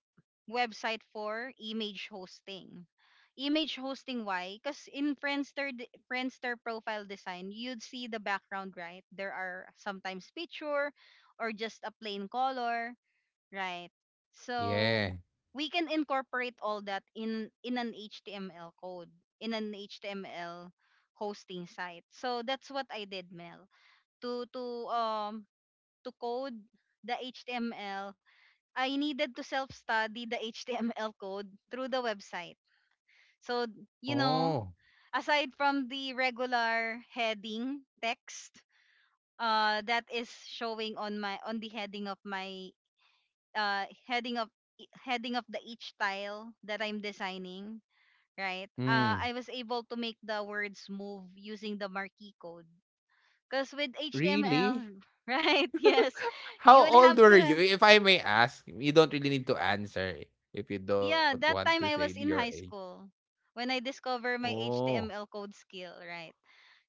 S1: website for image hosting. Image hosting why? Because in Friendster profile design, you'd see the background, right? There are sometimes picture or just a plain color, right?
S2: Yeah.
S1: So we can incorporate all that in an HTML code, in an HTML hosting site. So that's what I did, Mel. To um code the HTML, I needed to self-study the HTML code through the website. So, you know,
S2: Oh.
S1: aside from the regular heading text that is showing on my on the heading of my uh heading of heading of the each tile that I'm designing, right? Uh,
S2: Hmm.
S1: I was able to make the words move using the marquee code. Cuz with
S2: Really?
S1: HTML, right? Yes. You
S2: How
S1: would
S2: old
S1: have
S2: were you?
S1: to,
S2: If I may ask, you don't really need to answer if you don't
S1: yeah,
S2: want to
S1: that
S2: say
S1: time I
S2: your
S1: was in
S2: age.
S1: high school when I discovered my
S2: Oh.
S1: HTML code skill, right?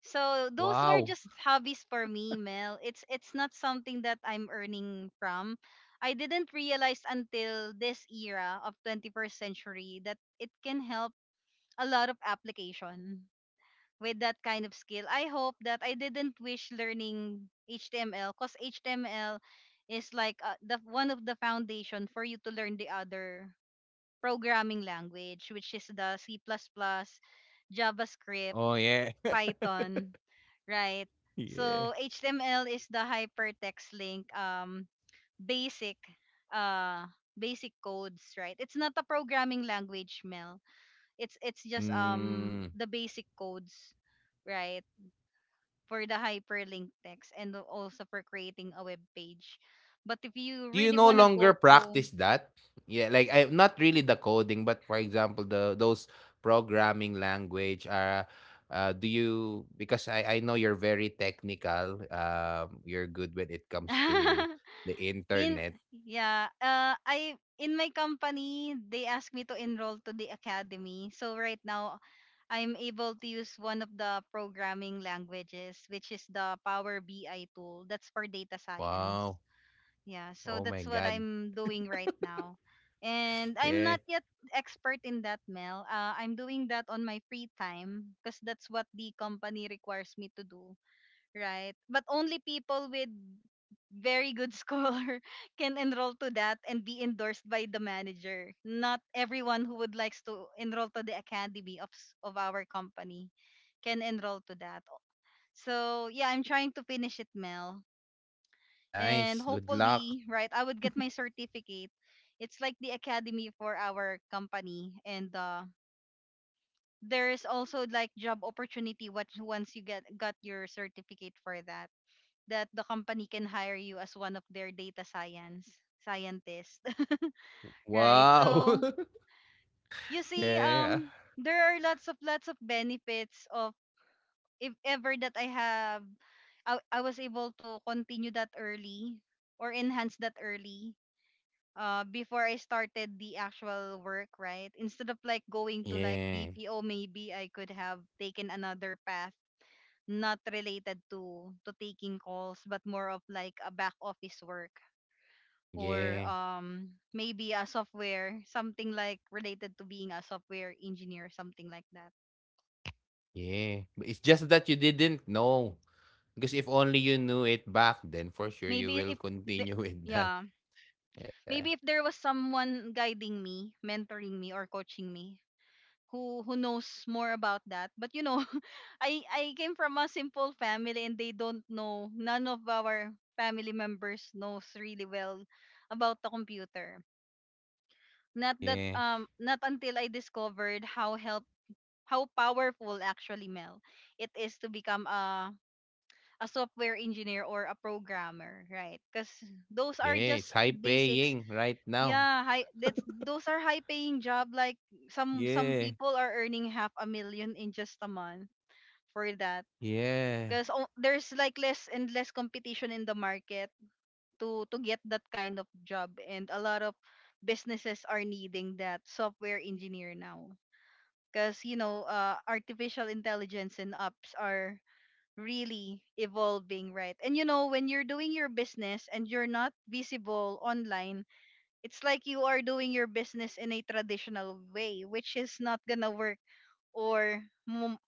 S1: So those
S2: Wow.
S1: were just hobbies for me, Mel. It's not something that I'm earning from. I didn't realize until this era of 21st century that it can help a lot of application with that kind of skill. I hope that I didn't wish learning HTML, because HTML is like, the one of the foundation for you to learn the other programming language, which is the C++, JavaScript,
S2: Oh yeah.
S1: Python, right?
S2: yeah.
S1: So HTML is the hypertext link, basic uh basic codes, right? It's not a programming language, Mel. It's just,
S2: Mm.
S1: the basic codes, right? For the hyperlink text and also for creating a web page. But if you
S2: Do you
S1: really
S2: no
S1: want to
S2: longer
S1: go through,
S2: practice that? Yeah, like I not really the coding, but for example, the those programming language are do you because I know you're very technical. You're good when it comes to the
S1: in,
S2: internet.
S1: yeah, I, in my company they asked me to enroll to the academy. So right now I'm able to use one of the programming languages, which is the Power BI tool. That's for data science.
S2: Wow.
S1: Yeah, so
S2: Oh
S1: that's
S2: my
S1: what
S2: God.
S1: I'm doing right now. And I'm not
S2: Yeah.
S1: yet expert in that, Mel. I'm doing that on my free time because that's what the company requires me to do, right? But only people with very good score can enroll to that and be endorsed by the manager. Not everyone who would likes to enroll to the academy of of our company can enroll to that. So yeah, I'm trying to finish it, Mel, and
S2: Nice. Good
S1: hopefully,
S2: luck.
S1: right, I would get my certificate. It's like the academy for our company, and, there is also like job opportunity what once you get got your certificate for that, the company can hire you as one of their data science scientists, right?
S2: Wow.
S1: So you see,
S2: yeah.
S1: there are lots of benefits of if ever that I have, I was able to continue that early or enhance that early. Before I started the actual work, right? Instead of like going to like
S2: Yeah.
S1: BPO, maybe I could have taken another path not related to taking calls but more of like a back office work or
S2: Yeah.
S1: maybe a software something like related to being a software engineer, something like that.
S2: Yeah, but it's just that you didn't know. Because if only you knew it back then, for sure you
S1: Maybe
S2: will
S1: if the,
S2: continue with that.
S1: Yeah,
S2: Yeah.
S1: maybe if there was someone guiding me, mentoring me, or coaching me, who knows more about that. But I came from a simple family, and they don't know, none of our family members knows really well about the computer.
S2: Yeah.
S1: Not that, not until I discovered how powerful, actually, Mel, it is to become a software engineer or a programmer, right? Because those
S2: Yeah,
S1: are
S2: it's
S1: just
S2: high
S1: basics.
S2: paying right now.
S1: Yeah, high that's those are high paying job. Like some
S2: Yeah.
S1: people are earning half a million in just a month for that.
S2: Yeah.
S1: Because there's like less and less competition in the market to get that kind of job, and a lot of businesses are needing that software engineer now because artificial intelligence and apps are really evolving, right? And when you're doing your business and you're not visible online, it's like you are doing your business in a traditional way, which is not gonna work. Or mo-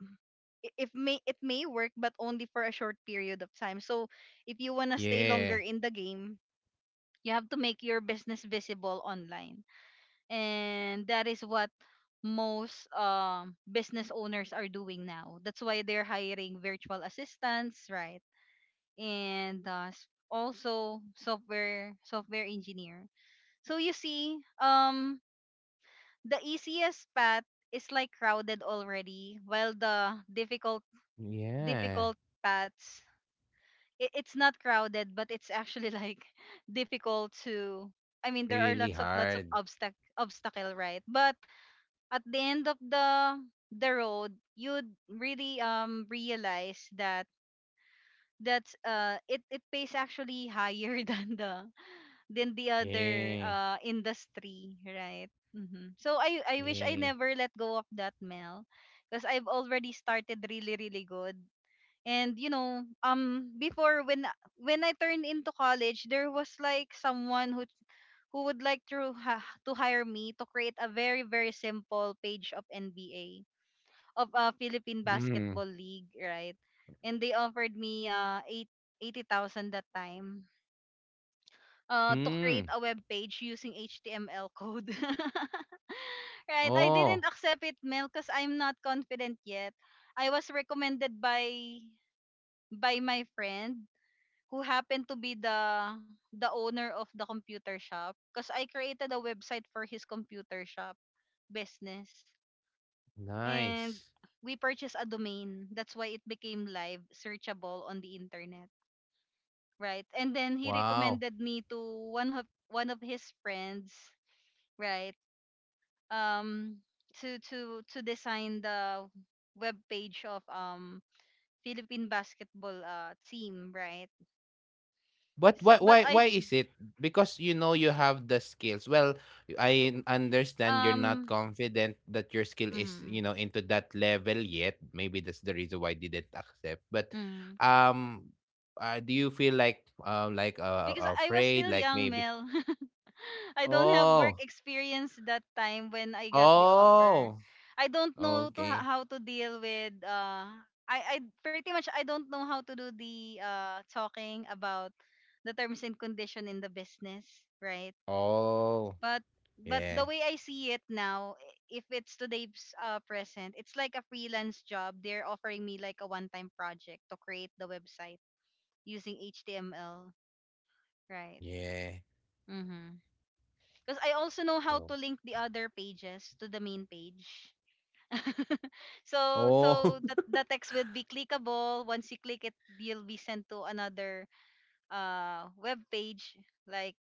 S1: if may it may work, but only for a short period of time. So if you want to stay longer
S2: Yeah.
S1: in the game, you have to make your business visible online, and that is what most business owners are doing now. That's why they're hiring virtual assistants, right? And also software engineer. So you see, the easiest path is like crowded already, while the difficult difficult
S2: Yeah.
S1: paths, it's not crowded, but it's actually like difficult to. I mean, there are
S2: Really
S1: lots of
S2: hard.
S1: obstacle, right? But at the end of the road, you'd really realize that that's it pays actually higher than the other
S2: Yeah.
S1: industry, right? So I wish I
S2: Yeah.
S1: never let go of that, Mel, because I've already started really really good. And before, when I turned into college, there was like someone who would like to to hire me to create a very very simple page of NBA of a Philippine
S2: Mm.
S1: Basketball League, right? And they offered me eighty thousand that time to create
S2: Mm.
S1: a web page using HTML code. Right, I
S2: Oh,
S1: didn't accept it, Mel, because I'm not confident yet. I was recommended by my friend, who happened to be the owner of the computer shop because I created a website for his computer shop business, and
S2: nice.
S1: we purchased a domain. That's why it became live, searchable on the internet, right? And then he
S2: Wow.
S1: recommended me to one of his friends, right? Um, to design the web page of Philippine basketball team, right?
S2: But
S1: So,
S2: why
S1: but
S2: why
S1: I
S2: why is it? Because you know you have the skills. Well, I understand you're not
S1: um.
S2: confident that your skill is,
S1: Mhm,
S2: you know, into that level yet. Maybe that's the reason why they didn't accept. But
S1: mhm.
S2: um do you feel like
S1: Because I was
S2: afraid
S1: still
S2: like
S1: young,
S2: maybe.
S1: Mel. I don't have work
S2: Oh.
S1: experience that time when I got the offer.
S2: Oh.
S1: I don't know to
S2: Okay.
S1: how to deal with, I pretty much, I don't know how to do the talking about the terms and condition in the business, right?
S2: Oh.
S1: But but the way
S2: Yeah.
S1: I see it now, if it's today's present, it's like a freelance job. They're offering me like a one-time project to create the website using HTML, right?
S2: Yeah.
S1: Mm-hmm. Because I also know how to
S2: No.
S1: link the other pages to the main page. So
S2: Oh.
S1: the text will be clickable. Once you click it, you'll be sent to another web page. Like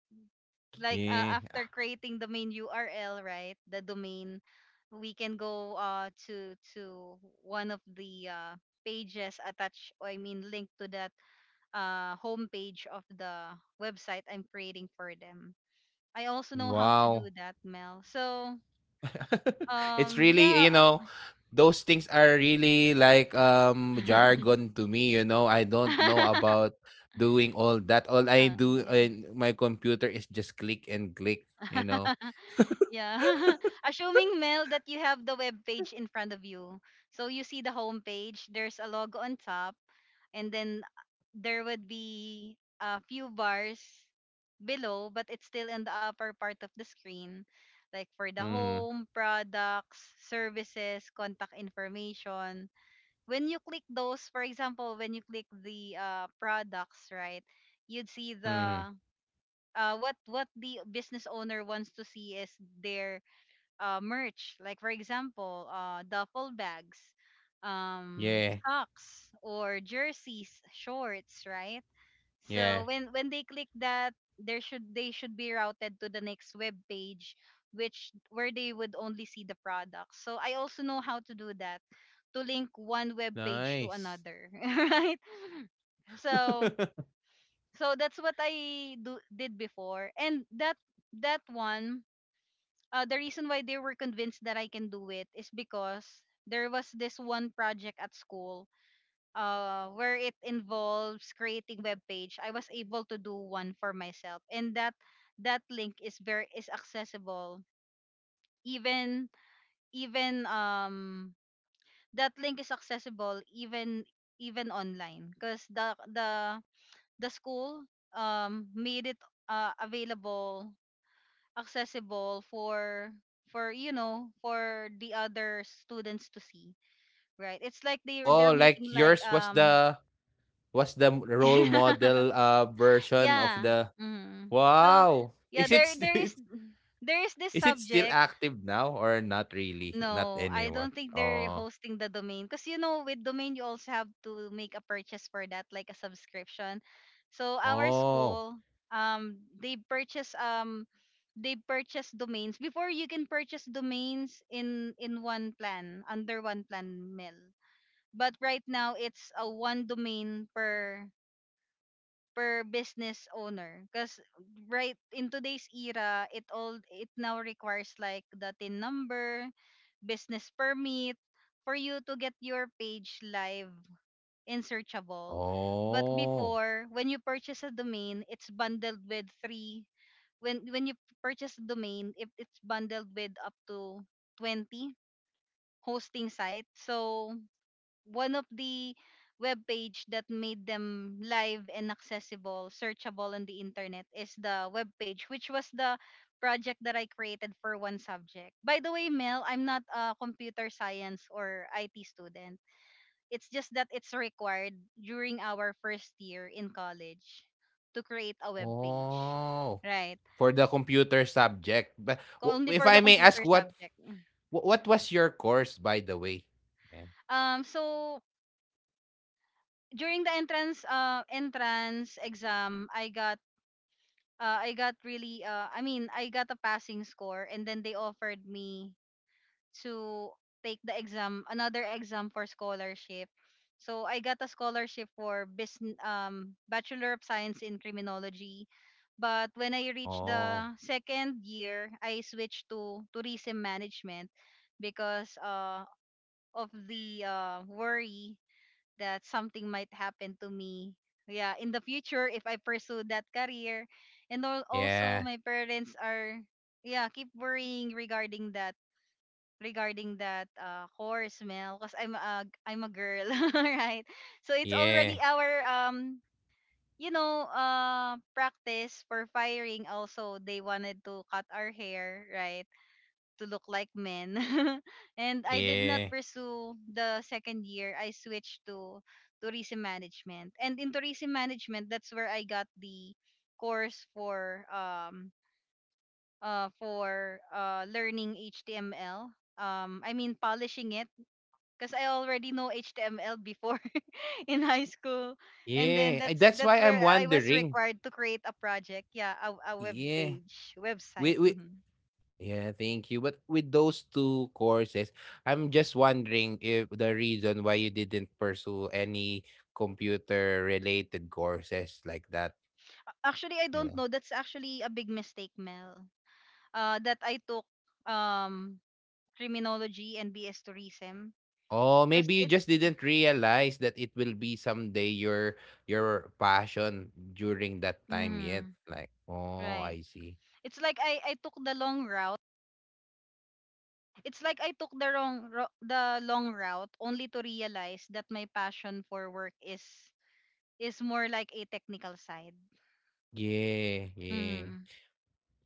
S1: After
S2: Yeah.
S1: creating the main URL, right? The domain, we can go to one of the pages attached, or I mean linked to that homepage of the website I'm creating for them. I also know how to
S2: Wow.
S1: do that, Mel. So,
S2: It's really, you
S1: Yeah.
S2: know, those things are really like jargon to me, you know, I don't know about doing all that. All I
S1: Ah,
S2: do
S1: yeah.
S2: in my computer is just click and click, you know.
S1: Yeah. Assuming, Mel, that you have the web page in front of you. So you see the home page, there's a logo on top, and then there would be a few bars below, but it's still in the upper part of the screen. Like for the
S2: Hmm.
S1: home, products, services, contact information, when you click those, for example, when you click the products, right, you'd see
S2: Hmm.
S1: the, what the business owner wants to see is their merch, like for example, duffel bags,
S2: Yeah.
S1: socks or jerseys, shorts, right?
S2: Yeah.
S1: So when they click that, there should they should be routed to the next web page, which where they would only see the product. So I also know how to do that, to link one web page to
S2: Nice.
S1: another, right? So so that's what I do did before, and that one, the reason why they were convinced that I can do it is because there was this one project at school, where it involves creating web page, I was able to do one for myself, and that link is accessible. Even even that link is accessible, even online, because the school made it available, accessible for the other students to see, right? It's like they they're
S2: Oh,
S1: they're
S2: like
S1: making like
S2: yours was the role model version of
S1: yeah.
S2: the.
S1: So
S2: Wow,
S1: yeah,
S2: is it still
S1: there is this
S2: is it still
S1: subject.
S2: active now? Or not, really not
S1: No, I
S2: anymore.
S1: don't think they're
S2: Oh.
S1: hosting the domain because with domain you also have to make a purchase for that, like a subscription. So our
S2: Oh,
S1: school, um, they purchase um they purchase domains before. You can purchase domains in one plan, under one plan, mill. But right now it's a one domain per business owner because right in today's era it now requires like the tin number, business permit, for you to get your page live and searchable. But
S2: oh,
S1: before, when you purchase a domain, it's bundled with three —when you purchase a domain, it's bundled with up to 20 hosting site, so one of the web page that made them live and accessible, searchable on the internet is the web page, which was the project that I created for one subject. By the way, Mel, I'm not a computer science or IT student. It's just that it's required during our first year in college to create a web page.
S2: oh.
S1: Right.
S2: For the computer subject.
S1: Only
S2: If
S1: for
S2: I
S1: the
S2: may ask,
S1: computer
S2: what
S1: subject.
S2: what was your course, by the way? Yeah.
S1: So during the entrance exam, I mean, I got a passing score, and then they offered me to take the exam another exam for scholarship. So I got a scholarship for business Bachelor of Science in Criminology. But when I reached
S2: Oh,
S1: the second year, I switched to tourism management because, of the worry that something might happen to me, yeah, in the future if I pursue that career, and also
S2: yeah,
S1: my parents are, yeah, keep worrying regarding that, course, Mel, because I'm a girl, right? So it's
S2: yeah,
S1: already our practice for firing. Also, they wanted to cut our hair, right, to look like men. And I did not
S2: yeah,
S1: pursue the second year. I switched to tourism management. And in tourism management, that's where I got the course for learning HTML. I mean, polishing it, because I already know HTML before in high school. And then
S2: yeah.
S1: that's
S2: That's
S1: that's
S2: why I'm
S1: where I was
S2: wondering.
S1: required to create a project. Yeah, a web
S2: Yeah,
S1: page, website.
S2: we.
S1: Mm-hmm.
S2: Yeah, thank you. But with those two courses, I'm just wondering if the reason why you didn't pursue any computer related courses like that.
S1: Actually, I don't
S2: Yeah.
S1: know. That's actually a big mistake, Mel. That I took um criminology and BS tourism,
S2: Oh,
S1: because
S2: maybe you
S1: it.
S2: just didn't realize that it will be someday your passion during that time yet.
S1: Mm,
S2: Like, oh,
S1: right.
S2: I see.
S1: It's like I took the long route. It's like I took the long route, only to realize that my passion for work is more like a technical side.
S2: Yeah, yeah.
S1: Mm,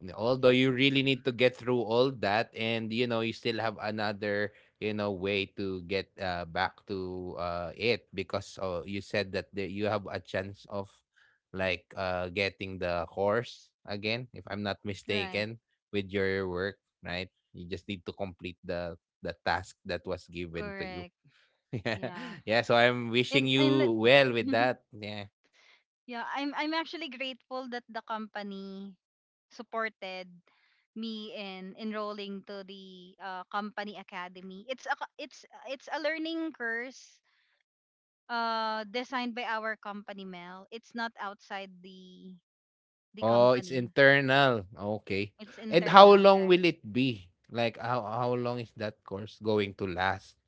S2: Yeah, although you really need to get through all that, and you know you still have another, you know, way to get back to it. Because you said that you have a chance of like getting the horse again, if I'm not
S1: right.
S2: mistaken, with your work, right? You just need to complete the task that was given to you.
S1: Correct.
S2: Yeah.
S1: Yeah.
S2: Yeah, so I'm wishing
S1: And.
S2: you well with that. Yeah.
S1: Yeah, I'm actually grateful that the company supported me in enrolling to the company academy. It's a co- it's a learning course designed by our company, Mel. It's not outside the
S2: Oh, it's
S1: company.
S2: internal, okay.
S1: It's
S2: And how
S1: internal,
S2: long
S1: right?
S2: will it be? Like, how long is that course going to last?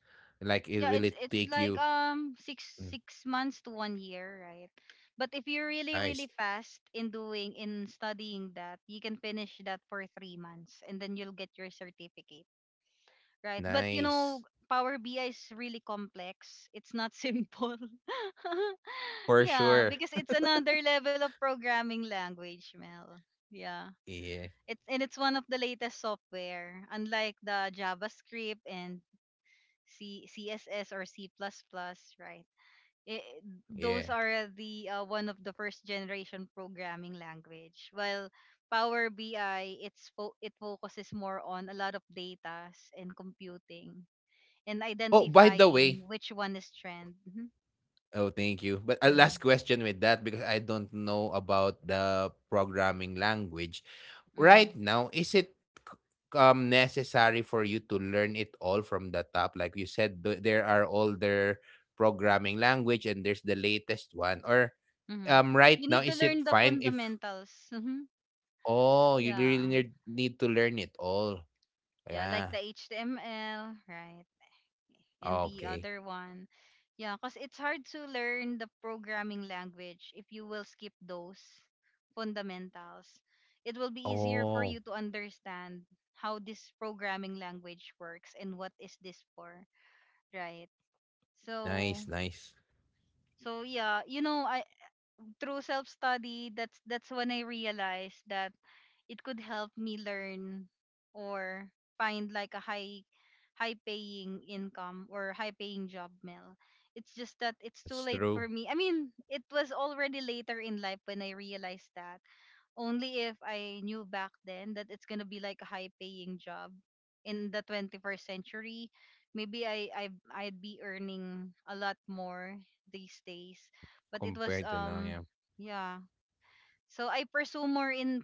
S2: Like, it
S1: Yeah,
S2: will
S1: it's
S2: it
S1: it's
S2: take
S1: like
S2: you.
S1: six
S2: Hmm.
S1: six months to one year, right? But if you're really
S2: Nice.
S1: really fast in doing in studying that, you can finish that for 3 months and then you'll get your certificate, right? But
S2: Nice.
S1: power bi is really complex. It's not simple.
S2: For
S1: Yeah,
S2: sure.
S1: because it's another level of programming language, Mel. Yeah,
S2: Yeah,
S1: it's one of the latest software, unlike the javascript and CSS or C++, plus plus, right? it,
S2: yeah.
S1: those are the, one of the first generation programming language. While Power BI, it focuses more on a lot of data and computing, and
S2: Oh, by the way,
S1: identifying which one is trend. Hmm.
S2: oh, thank you. But a last
S1: Hmm.
S2: question with that, because I don't know about the programming language.
S1: Hmm.
S2: Right now, is it necessary for you to learn it all from the top? Like you said, there are older programming language and there's the latest one. Or
S1: Hmm.
S2: right
S1: You
S2: now,
S1: need to
S2: is it
S1: learn the
S2: fine if
S1: fundamentals. Hmm.
S2: oh, you
S1: Yeah,
S2: really need to learn it all?
S1: yeah, like
S2: Yeah.
S1: the HTML, right? And the
S2: Okay.
S1: other one. Yeah, because it's hard to learn the programming language. If you will skip those fundamentals, it will be easier for
S2: Oh,
S1: you to understand how this programming language works and what is this for, right? so
S2: nice, nice.
S1: so yeah, I, through self study, that's when I realized that it could help me learn or find like a high paying income or high paying job, Mel. It's just that it's too
S2: That's
S1: late
S2: true.
S1: for me. I mean, it was already later in life when I realized that. Only if I knew back then that it's going to be like a high paying job in the 21st century, maybe I'd be earning a lot more these days. But it was,
S2: Compared to now,
S1: yeah, so I pursue more in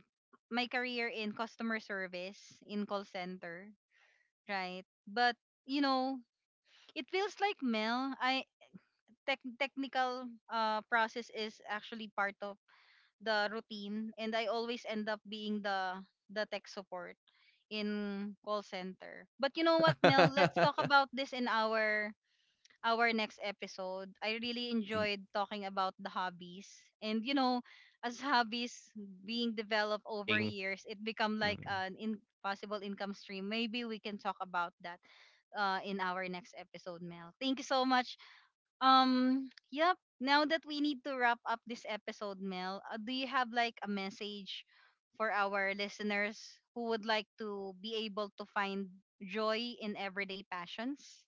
S1: my career in customer service, in call center, right? But you know, it feels like, Mel, I tech technical process is actually part of the routine, and I always end up being the tech support in call center. But you know what, Mel, let's
S2: yeah.
S1: talk about this in our next episode. I really
S2: Y.
S1: enjoyed talking about the hobbies. And as
S2: Oh, yeah.
S1: hobbies
S2: Thank you as
S1: being
S2: well for
S1: developed over
S2: sharing.
S1: years, it become like
S2: Mm.
S1: an in possible income stream. Maybe we can talk about that, in our next episode, Mel. Thank you so much. Yep. Now that we need to wrap up this episode, Mel, do you have like a message for our listeners who would like to be able to find joy in everyday passions?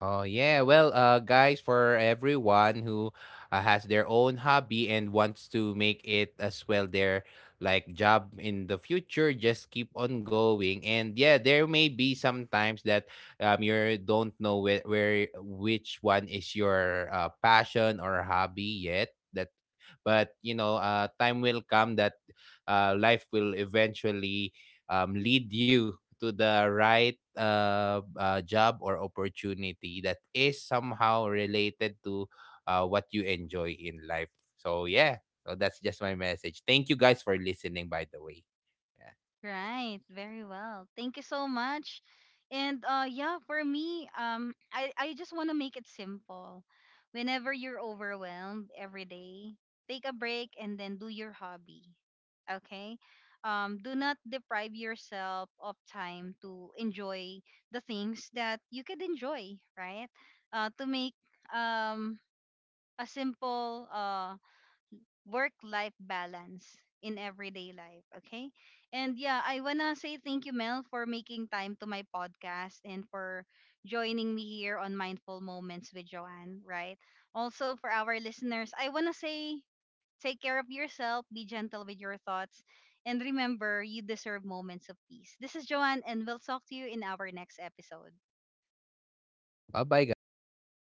S2: Oh, yeah. Well, guys, for everyone who, has their own hobby and wants to make it as well their like job in the future, just keep on going. And yeah, there may be sometimes that you don't know where which one is your, passion or hobby yet. That, but you know, time will come that, life will eventually, lead you to the right, job or opportunity that is somehow related to, what you enjoy in life. So yeah, so that's just my message. Thank you guys for listening, by the way. Yeah.
S1: Right, very well. Thank you so much. And yeah, for me, I just want to make it simple. Whenever you're overwhelmed every day, take a break and then do your hobby. Okay? Do not deprive yourself of time to enjoy the things that you could enjoy, right? To make um a simple work life balance in everyday life. Okay. And yeah, I want to say thank you, Mel, for making time to my podcast and for joining me here on Mindful Moments with Joanne, right? Also, for our listeners, I want to say take care of yourself, be gentle with your thoughts, and remember, you deserve moments of peace. This is Joanne, and we'll talk to you in our next episode.
S2: Bye bye, guys. Thank